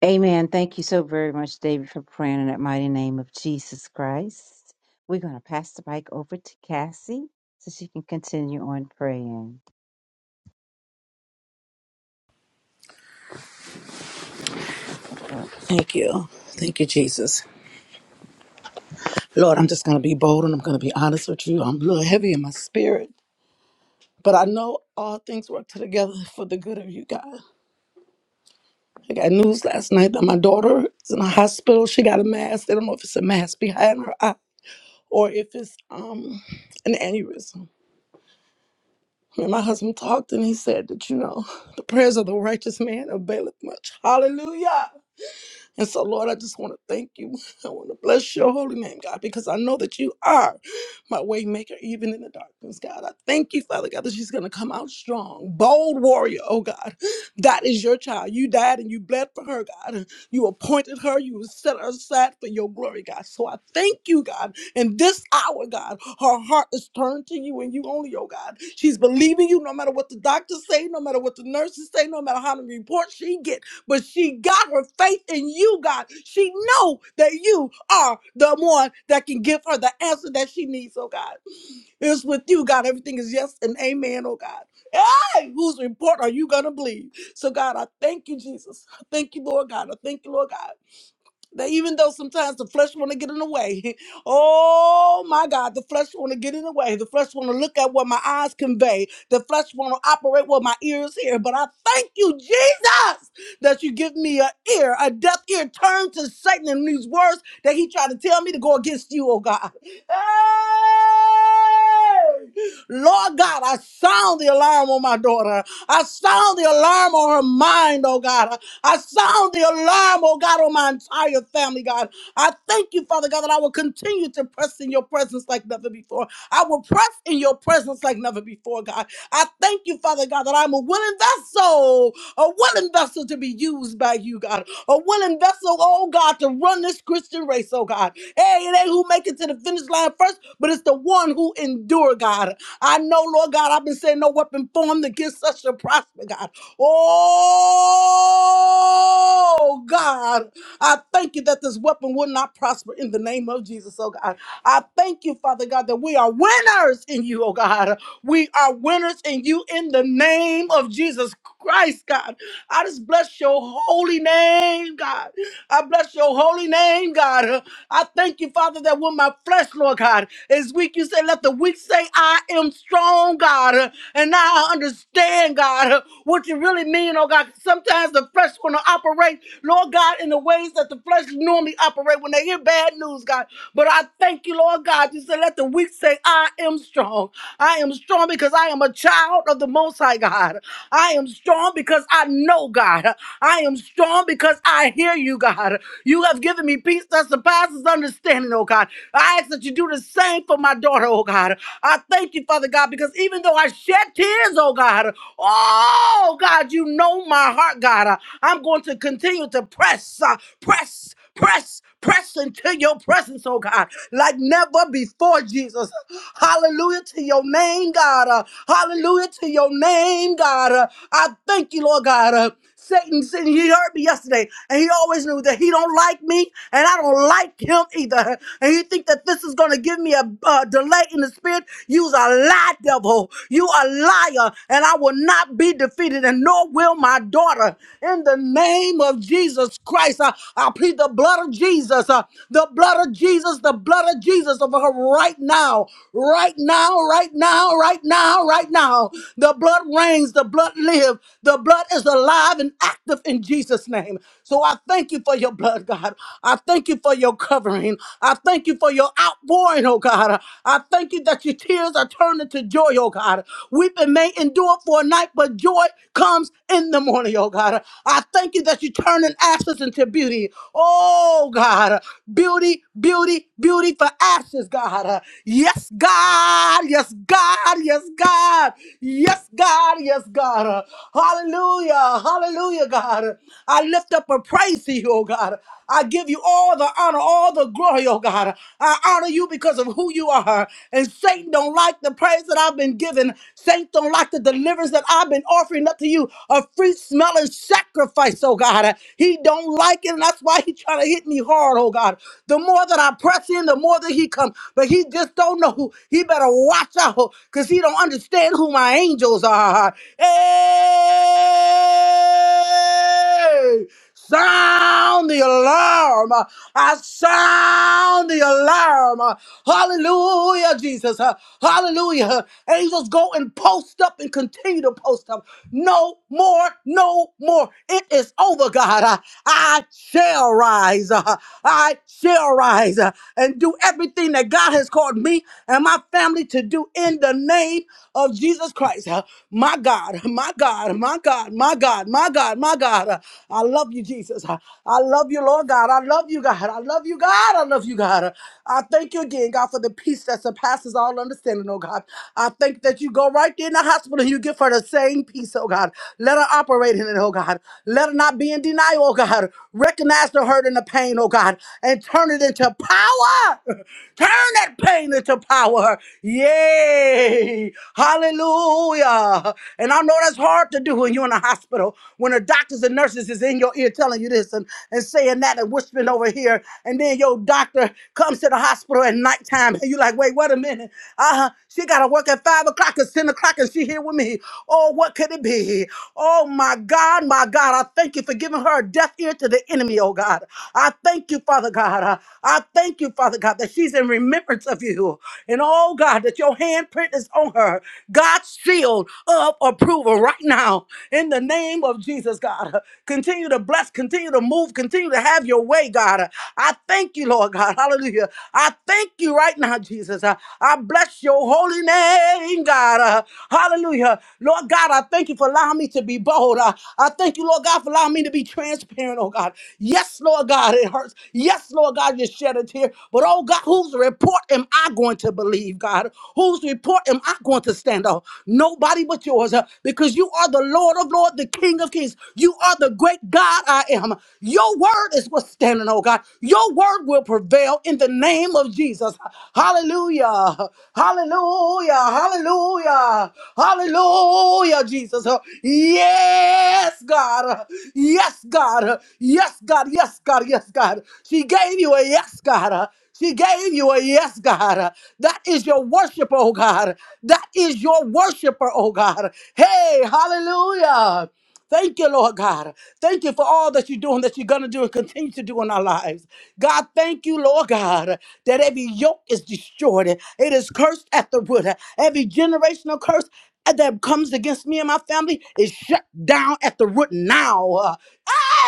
S4: Amen. Thank you so very much, David, for praying in that mighty name of Jesus Christ. We're going to pass the mic over to Cassie so she can continue on praying.
S6: Thank you. Thank you, Jesus. Lord, I'm just going to be bold and I'm going to be honest with you. I'm a little heavy in my spirit, but I know all things work together for the good of you, God. I got news last night that my daughter is in a hospital. She got a mask. They don't know if it's a mask behind her eye or if it's um an aneurysm. And my husband talked and he said that, you know, the prayers of the righteous man availeth much. Hallelujah. And so, Lord, I just want to thank you. I want to bless your holy name, God, because I know that you are my way maker, even in the darkness, God. I thank you, Father God, that she's going to come out strong, bold warrior, oh God. That is your child. You died and you bled for her, God. You appointed her, you set her aside for your glory, God. So I thank you, God. In this hour, God, her heart is turned to you and you only, oh God. She's believing you no matter what the doctors say, no matter what the nurses say, no matter how many reports she gets but she got her faith in you, God. She know that you are the one that can give her the answer that she needs, oh God. It's with you, God. Everything is yes and amen, oh God. Hey, whose report are you gonna believe? So God, I thank you, Jesus. I thank you, Lord God. I thank you, Lord God. That even though sometimes the flesh want to get in the way, oh my God, the flesh want to get in the way. The flesh want to look at what my eyes convey. The flesh want to operate what my ears hear. But I thank you, Jesus, that you give me an ear, a deaf ear, turned to Satan and these words that he tried to tell me to go against you, oh God. Hey! Lord God, I sound the alarm on my daughter. I sound the alarm on her mind, oh God. I sound the alarm, oh God, on my entire family, God. I thank you, Father God, that I will continue to press in your presence like never before. I will press in your presence like never before, God. I thank you, Father God, that I'm a willing vessel, a willing vessel to be used by you, God, a willing vessel, oh God, to run this Christian race, oh God. Hey, it ain't who make it to the finish line first, but it's the one who endure, God. I know, Lord God, I've been saying no weapon formed against us shall prosper, God. Oh God. I thank you that this weapon will not prosper in the name of Jesus, oh God. I thank you, Father God, that we are winners in you, oh God. We are winners in you in the name of Jesus Christ, God. I just bless your holy name, God. I bless your holy name, God. I thank you, Father, that when my flesh, Lord God, is weak, you say, let the weak say, I am strong, God. And now I understand, God, what you really mean, oh God. Sometimes the flesh want to operate, Lord God, in the way ways that the flesh normally operate when they hear bad news, God. But I thank you, Lord God. You said, let the weak say, I am strong. I am strong because I am a child of the Most High God. I am strong because I know God. I am strong because I hear you, God. You have given me peace that surpasses understanding, oh God. I ask that you do the same for my daughter, oh God. I thank you, Father God, because even though I shed tears, oh God, oh God, you know my heart, God. I'm going to continue to press. uh, uh, press, press, press into your presence, oh God, like never before, Jesus. Hallelujah to your name, God. Uh, hallelujah to your name, God. Uh, I thank you, Lord God. Uh, Satan, Satan, he heard me yesterday, and he always knew that he don't like me, and I don't like him either. And he think that this is gonna give me a uh, delay in the spirit. You's a lie, devil. You a liar, and I will not be defeated, and nor will my daughter. In the name of Jesus Christ lives. Uh, I plead the blood of Jesus, uh, the blood of Jesus, the blood of Jesus over her right now, right now, right now, right now, right now. The blood reigns, the blood lives, the blood is alive and active in Jesus' name. So I thank you for your blood, God. I thank you for your covering. I thank you for your outpouring, oh God. I thank you that your tears are turned into joy, oh God. Weeping may endure for a night, but joy comes in the morning, oh God. I thank you that you turn in ashes into into beauty. Oh, God. Beauty, beauty, beauty for ashes, God. Yes, God. Yes, God. Yes, God. Yes, God. Yes, God. Hallelujah. Hallelujah, God. I lift up a praise to you, oh God. I give you all the honor, all the glory, oh God. I honor you because of who you are. And Satan don't like the praise that I've been given. Satan don't like the deliverance that I've been offering up to you. A free smelling sacrifice, oh God. He don't don't like it, and that's why he trying to hit me hard, oh God. The more that I press in, the more that he come. But he just don't know who. He better watch out, because he don't understand who my angels are. Hey! Sound the alarm. I sound the alarm. Hallelujah, Jesus. Hallelujah. Angels go and post up and continue to post up. No more, no more. It is over, God. I shall rise. Uh, I shall rise uh, and do everything that God has called me and my family to do in the name of Jesus Christ. Uh, My God, my God, my God, my God, my God, my God. Uh, I love you, Jesus. Uh, I love you, Lord God. I love you, God. I love you, God. I love you, God. Uh, I thank you again, God, for the peace that surpasses all understanding, oh God. I think that you go right there in the hospital and you give her the same peace, oh God. Let her operate in it, oh God. Let her not be in denial, Oh God. God. Recognize the hurt and the pain, oh God, and turn it into power. Turn that pain into power. Yay. Hallelujah. And I know that's hard to do when you're in the hospital, when the doctors and nurses is in your ear telling you this and, and saying that and whispering over here. And then your doctor comes to the hospital at nighttime and you're like, wait, wait a minute. Uh-huh. She got to work at 5 o'clock and 10 o'clock and she here with me. Oh, what could it be? Oh, my God, my God. I thank you for giving her a deaf ear to the enemy, oh God. I thank you, Father God. Uh, I thank you, Father God, that she's in remembrance of you. And oh God, that your handprint is on her. God's shield of approval right now in the name of Jesus, God. Uh, Continue to bless, continue to move, continue to have your way, God. Uh, I thank you, Lord God. Hallelujah. I thank you right now, Jesus. Uh, I bless your holy name, God. Uh, Hallelujah. Lord God, I thank you for allowing me to be bold. Uh, I thank you, Lord God, for allowing me to be transparent parent, oh God. Yes, Lord God, it hurts. Yes, Lord God, you shed a tear. But oh God, whose report am I going to believe, God? Whose report am I going to stand on? Nobody but yours, uh, because you are the Lord of Lords, the King of Kings. You are the great God I am. Your word is what's standing, oh God. Your word will prevail in the name of Jesus. Hallelujah. Hallelujah. Hallelujah. Hallelujah, Jesus. Yes, God. Yes, God. God. Yes, God. Yes, God. Yes, God. She gave you a yes, God. She gave you a yes, God. That is your worshiper, oh God. That is your worshiper, oh God. Hey, hallelujah. Thank you, Lord God. Thank you for all that you're doing, that you're going to do, and continue to do in our lives. God, thank you, Lord God, that every yoke is destroyed. It is cursed at the root. Every generational curse uh, that comes against me and my family is shut down at the root now. Uh,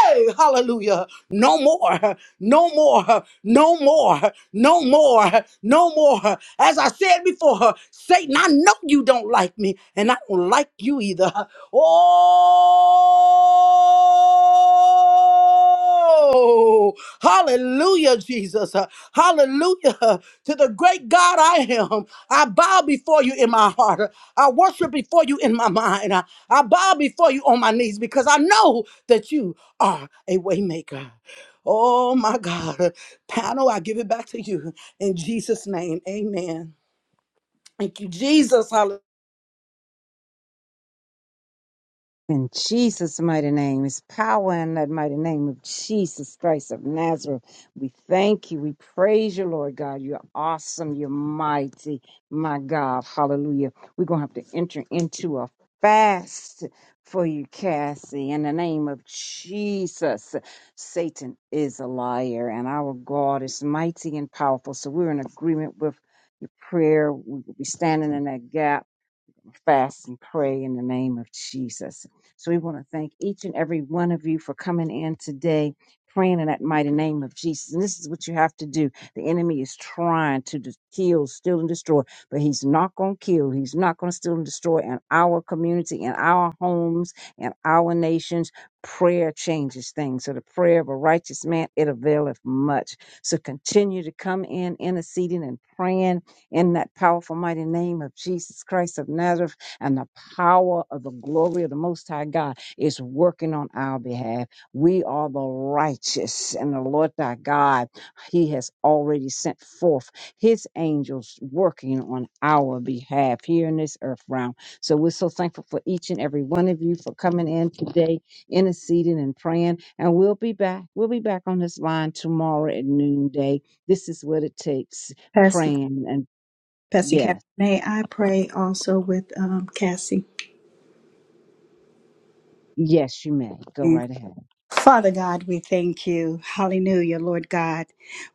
S6: Hey, hallelujah. No more, no more, no more, no more, no more. As I said before, Satan, I know you don't like me, and I don't like you either. Oh, Oh, hallelujah, Jesus. Uh, Hallelujah Uh, to the great God I am. I bow before you in my heart. Uh, I worship before you in my mind. I I bow before you on my knees because I know that you are a waymaker. Oh my God. Uh, Panel, I give it back to you in Jesus' name. Amen. Thank you, Jesus. Hallelujah.
S4: In Jesus' mighty name, is power in that mighty name of Jesus Christ of Nazareth. We thank you. We praise you, Lord God. You're awesome. You're mighty, my God. Hallelujah. We're going to have to enter into a fast for you, Cassie, in the name of Jesus. Satan is a liar, and our God is mighty and powerful. So we're in agreement with your prayer. We will be standing in that gap fast and pray in the name of Jesus. So we want to thank each and every one of you for coming in today, praying in that mighty name of Jesus. And this is what you have to do. The enemy is trying to dis- kill, steal, and destroy, but he's not going to kill. He's not going to steal and destroy in our community, in our homes, in our nations. Prayer changes things. So the prayer of a righteous man, it availeth much. So continue to come in, interceding and praying in that powerful, mighty name of Jesus Christ of Nazareth and the power of the glory of the Most High God is working on our behalf. We are the righteous, and the Lord thy God, He has already sent forth His angels working on our behalf here in this earth realm. So we're so thankful for each and every one of you for coming in today, interceding and praying. And we'll be back. We'll be back on this line tomorrow at noonday. This is what it takes
S3: Pastor,
S4: praying and
S3: Pastor
S4: yeah.
S3: Cassie, may I pray also with um, Cassie?
S4: Yes, you may. Go right ahead.
S3: Father God, we thank you. Hallelujah, Lord God.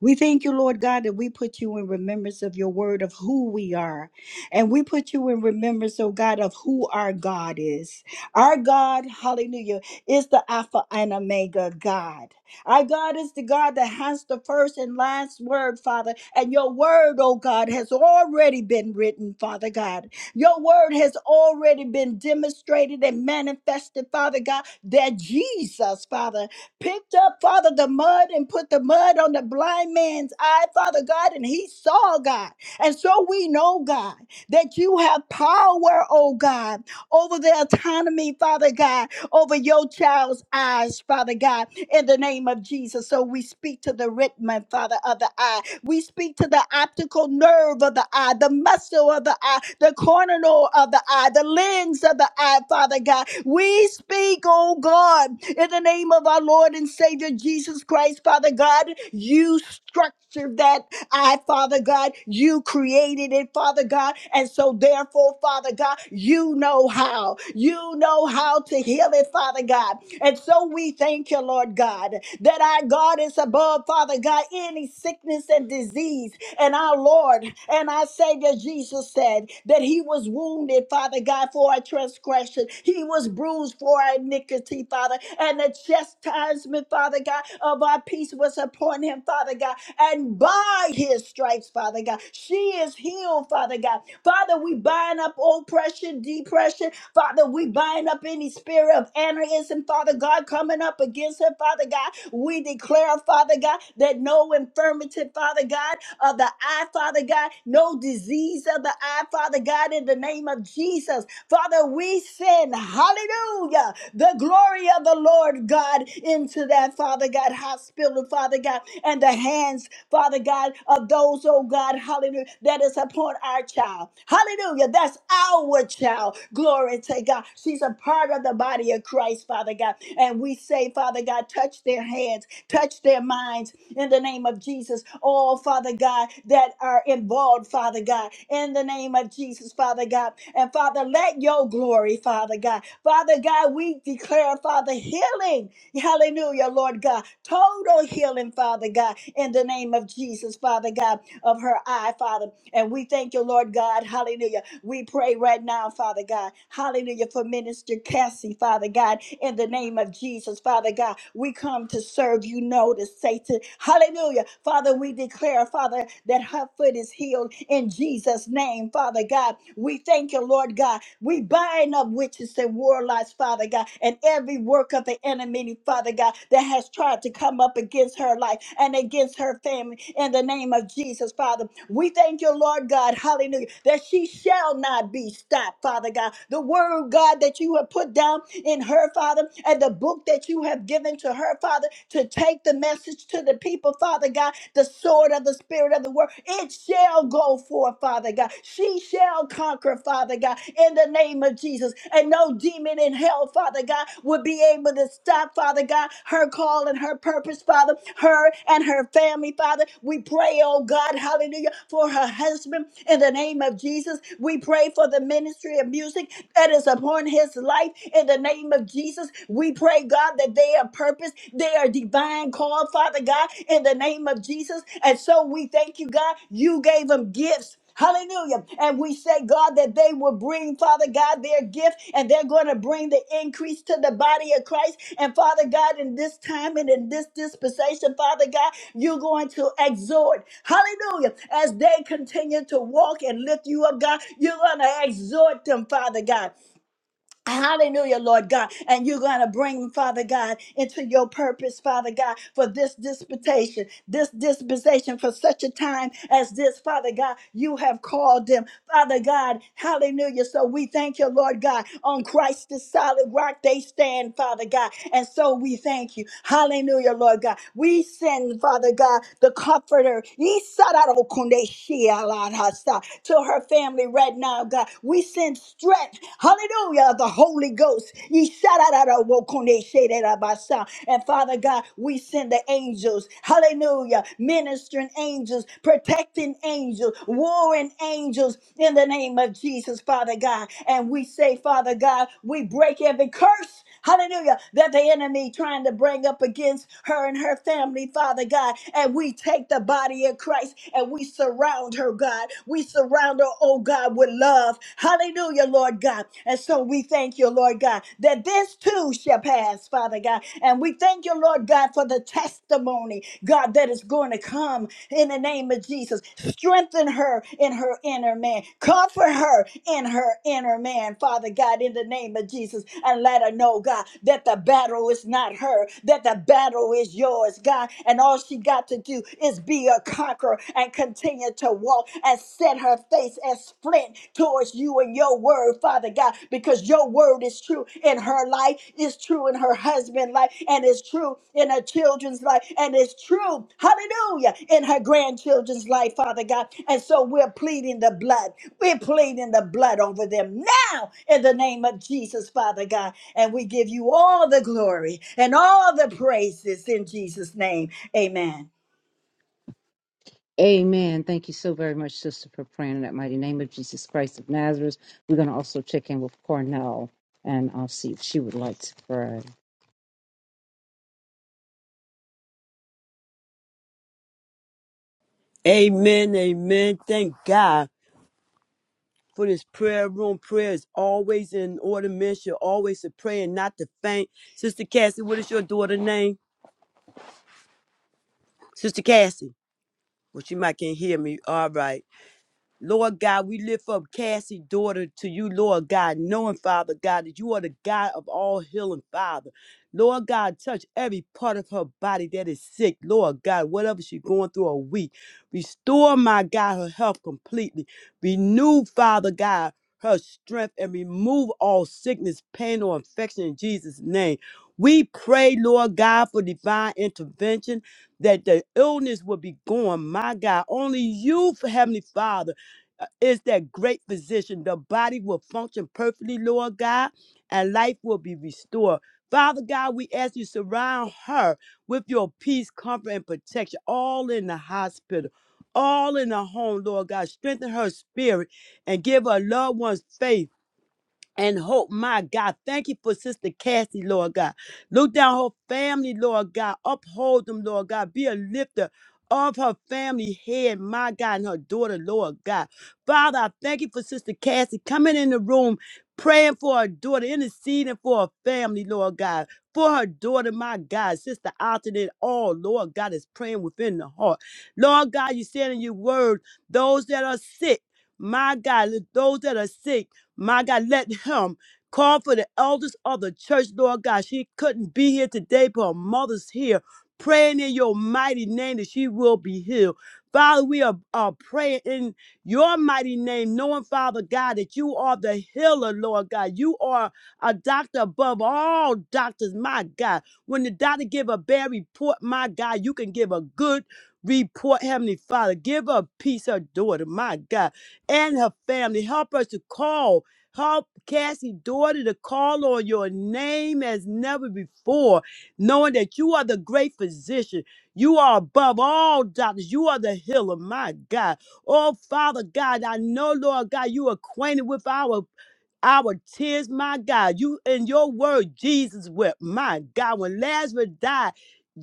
S3: We thank you, Lord God, that we put you in remembrance of your word of who we are. And we put you in remembrance, oh God, of who our God is. Our God, hallelujah, is the Alpha and Omega God. Our God is the God that has the first and last word, Father. And your word, oh God, has already been written, Father God. Your word has already been demonstrated and manifested, Father God, that Jesus, Father, picked up, Father, the mud and put the mud on the blind man's eye, Father God, and he saw God. And so we know, God, that you have power, oh God, over the autonomy, Father God, over your child's eyes, Father God in the name of Jesus. So we speak to the retina, Father, of the eye. We speak to the optical nerve of the eye, the muscle of the eye, the corneal of the eye, the lens of the eye, Father God. We speak, oh God, in the name of our Lord and Savior Jesus Christ, Father God, you structure that I, Father God, you created it, Father God. And so, therefore, Father God, you know how. You know how to heal it, Father God. And so, we thank you, Lord God, that our God is above, Father God, any sickness and disease. And our Lord, and our Savior Jesus said that he was wounded, Father God, for our transgression. He was bruised for our iniquity, Father. And the chastisement, Father God, of our peace was upon him, Father God. And by his stripes, Father God, she is healed, Father God. Father, we bind up oppression, depression, Father, we bind up any spirit of anarchism, Father God, coming up against her, Father God. We declare, Father God, that no infirmity, Father God, of the eye, Father God, no disease of the eye, Father God, in the name of Jesus. Father, we send, hallelujah, the glory of the Lord God into that, Father God, hospital, Father God, and the hands, Father God, of those those, oh God, hallelujah, that is upon our child. Hallelujah. That's our child. Glory to God. She's a part of the body of Christ, Father God. And we say, Father God, touch their hands, touch their minds in the name of Jesus. All, Father God, that are involved, Father God, in the name of Jesus, Father God. And Father, let your glory, Father God. Father God, we declare, Father, healing. Hallelujah, Lord God. Total healing, Father God, in the name of Jesus, Father God of her eye, Father. And we thank you, Lord God. Hallelujah. We pray right now, Father God. Hallelujah for Minister Cassie, Father God. In the name of Jesus, Father God, we come to serve you. Notice, Satan. Hallelujah. Father, we declare, Father, that her foot is healed in Jesus' name, Father God. We thank you, Lord God. We bind up witches and warlocks, Father God, and every work of the enemy, Father God, that has tried to come up against her life and against her family in the name of Jesus, Father. We thank you, Lord God, hallelujah, that she shall not be stopped, Father God. The word, God, that you have put down in her, Father, and the book that you have given to her, Father, to take the message to the people, Father God, the sword of the Spirit of the word. It shall go forth, Father God. She shall conquer, Father God, in the name of Jesus. And no demon in hell, Father God, will be able to stop, Father God, her call and her purpose, Father, her and her family, Father. We pray, oh God, hallelujah, for her husband in the name of Jesus. We pray for the ministry of music that is upon his this life in the name of Jesus. We pray, God, that they are purpose, they are divine called, Father God, in the name of Jesus. And so we thank you, God. You gave them gifts. Hallelujah. And we say, God, that they will bring, Father God, their gift and they're going to bring the increase to the body of Christ. And Father God, in this time and in this dispensation, Father God, you're going to exhort. Hallelujah. As they continue to walk and lift you up, God, you're going to exhort them, Father God. Hallelujah, Lord God. And you're going to bring, them, Father God, into your purpose, Father God, for this disputation, this dispensation for such a time as this, Father God. You have called them, Father God. Hallelujah. So we thank you, Lord God. On Christ, the solid rock, they stand, Father God. And so we thank you. Hallelujah, Lord God. We send, Father God, the comforter Yisararokunde shialarasa, to her family right now, God. We send strength. Hallelujah. of The Holy Ghost. Ye shout out out of Wokone Shedabasa. And Father God, we send the angels. Hallelujah. Ministering angels, protecting angels, warring angels in the name of Jesus, Father God. And we say, Father God, we break every curse hallelujah, that the enemy trying to bring up against her and her family, Father God. And we take the body of Christ and we surround her, God. We surround her, oh God, with love. Hallelujah, Lord God. And so we thank you, Lord God, that this too shall pass, Father God. And we thank you, Lord God, for the testimony, God, that is going to come in the name of Jesus. Strengthen her in her inner man. Comfort her in her inner man, Father God, in the name of Jesus. And let her know, God, that the battle is not her, that the battle is yours, God. And all she got to do is be a conqueror and continue to walk and set her face as flint towards you and your word, Father God, because your word is true in her life, is true in her husband's life, and is true in her children's life, and is true, hallelujah, in her grandchildren's life, Father God. And so we're pleading the blood. We're pleading the blood over them now in the name of Jesus, Father God. And we give you all the glory and all the praises in Jesus' name. Amen.
S4: Amen. Thank you so very much, sister, for praying in that mighty name of Jesus Christ of Nazareth. We're going to also check in with Cornell and I'll see if she would like to pray.
S2: Amen. Amen. Thank God. for this prayer room. Prayer is always in order. Men should always to pray and not to faint. Sister Cassie, what is your daughter's name? Sister Cassie. Well, she might can't hear me. All right. Lord God, we lift up Cassie's daughter to you, Lord God, knowing, Father God, that you are the God of all healing, Father. Lord God, touch every part of her body that is sick, Lord God, whatever she's going through a week. Restore, my God, her health completely. Renew, Father God, her strength and remove all sickness, pain, or infection in Jesus' name. We pray, Lord God, for divine intervention that the illness will be gone, my God. Only you, Heavenly Father uh, is that great physician. The body will function perfectly, Lord God, and life will be restored. Father God, we ask you surround her with your peace, comfort, and protection, all in the hospital, all in the home, Lord God. Strengthen her spirit and give her loved ones faith and hope. My God, thank you for Sister Cassie, Lord God. Look down her family, Lord God. Uphold them, Lord God. Be a lifter of her family head, my God, and her daughter, Lord God. Father, I thank you for Sister Cassie coming in the room, praying for her daughter, interceding for her family, Lord God. For her daughter, my God, Sister Alton and all, Lord God, is praying within the heart. Lord God, you said in your word, those that are sick, my God, those that are sick, my God, let him call for the elders of the church, Lord God. She couldn't be here today, but her mother's here. Praying in your mighty name that she will be healed. Father, we are, are praying in your mighty name, knowing, Father God, that you are the healer, Lord God. You are a doctor above all doctors, my God. When the doctor give a bad report, my God, you can give a good report, Heavenly Father. Give her peace, her daughter, my God, and her family. Help us to call Help Cassie daughter to call on your name as never before, knowing that you are the great physician. You are above all doctors. You are the healer, my God. Oh, Father God, I know, Lord God, you acquainted with our our tears, my God. You in your word, Jesus wept, my God. When Lazarus died,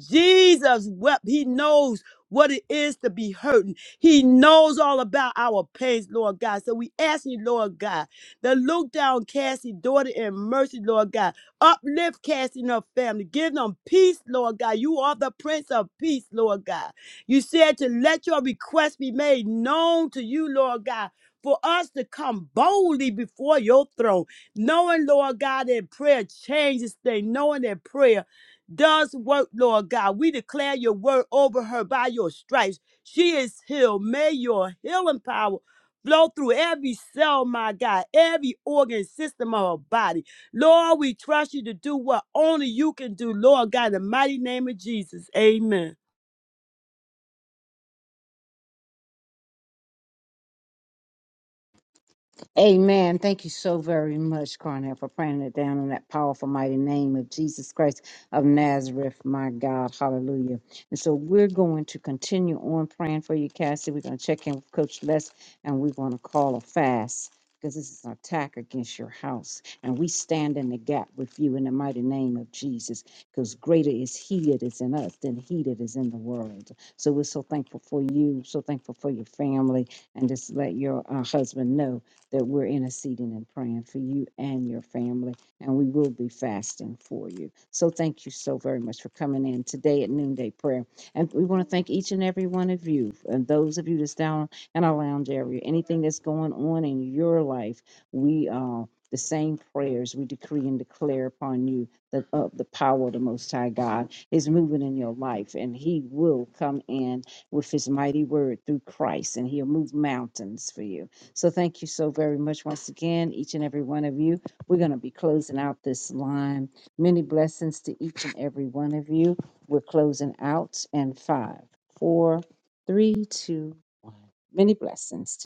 S2: Jesus wept. He knows what it is to be hurting. He knows all about our pains, Lord God. So we ask you, Lord God that look down Cassie, daughter, in mercy, Lord God. Uplift Cassie and her family. Give them peace, Lord God. You are the Prince of Peace, Lord God. You said to let your request be made known to you, Lord God. For us to come boldly before your throne, knowing, Lord God, that prayer changes things, knowing that prayer does work, Lord God. We declare your word over her by your stripes. She is healed. May your healing power Flow through every cell, my God, every organ system of our body. Lord, we trust you to do what only you can do, Lord God, in the mighty name of Jesus. Amen.
S4: Amen. Thank you so very much, Cornell, for praying it down in that powerful, mighty name of Jesus Christ of Nazareth, my God. Hallelujah. And so we're going to continue on praying for you, Cassie. We're going to check in with Coach Les and we're going to call a fast because this is an attack against your house. And we stand in the gap with you in the mighty name of Jesus because greater is He that is in us than He that is in the world. So we're so thankful for you, so thankful for your family, and just let your uh, husband know that we're interceding and praying for you and your family, and we will be fasting for you. So thank you so very much for coming in today at noonday prayer. And we want to thank each and every one of you and those of you that's down in our lounge area. Anything that's going on in your life, we uh the same prayers we decree and declare upon you that uh, the power of the Most High God is moving in your life, and He will come in with His mighty word through Christ, and He'll move mountains for you so thank you so very much once again, each and every one of you. We're going to be closing out this line. Many blessings to each and every one of you. We're closing out in five, four, three, two, one. Many blessings.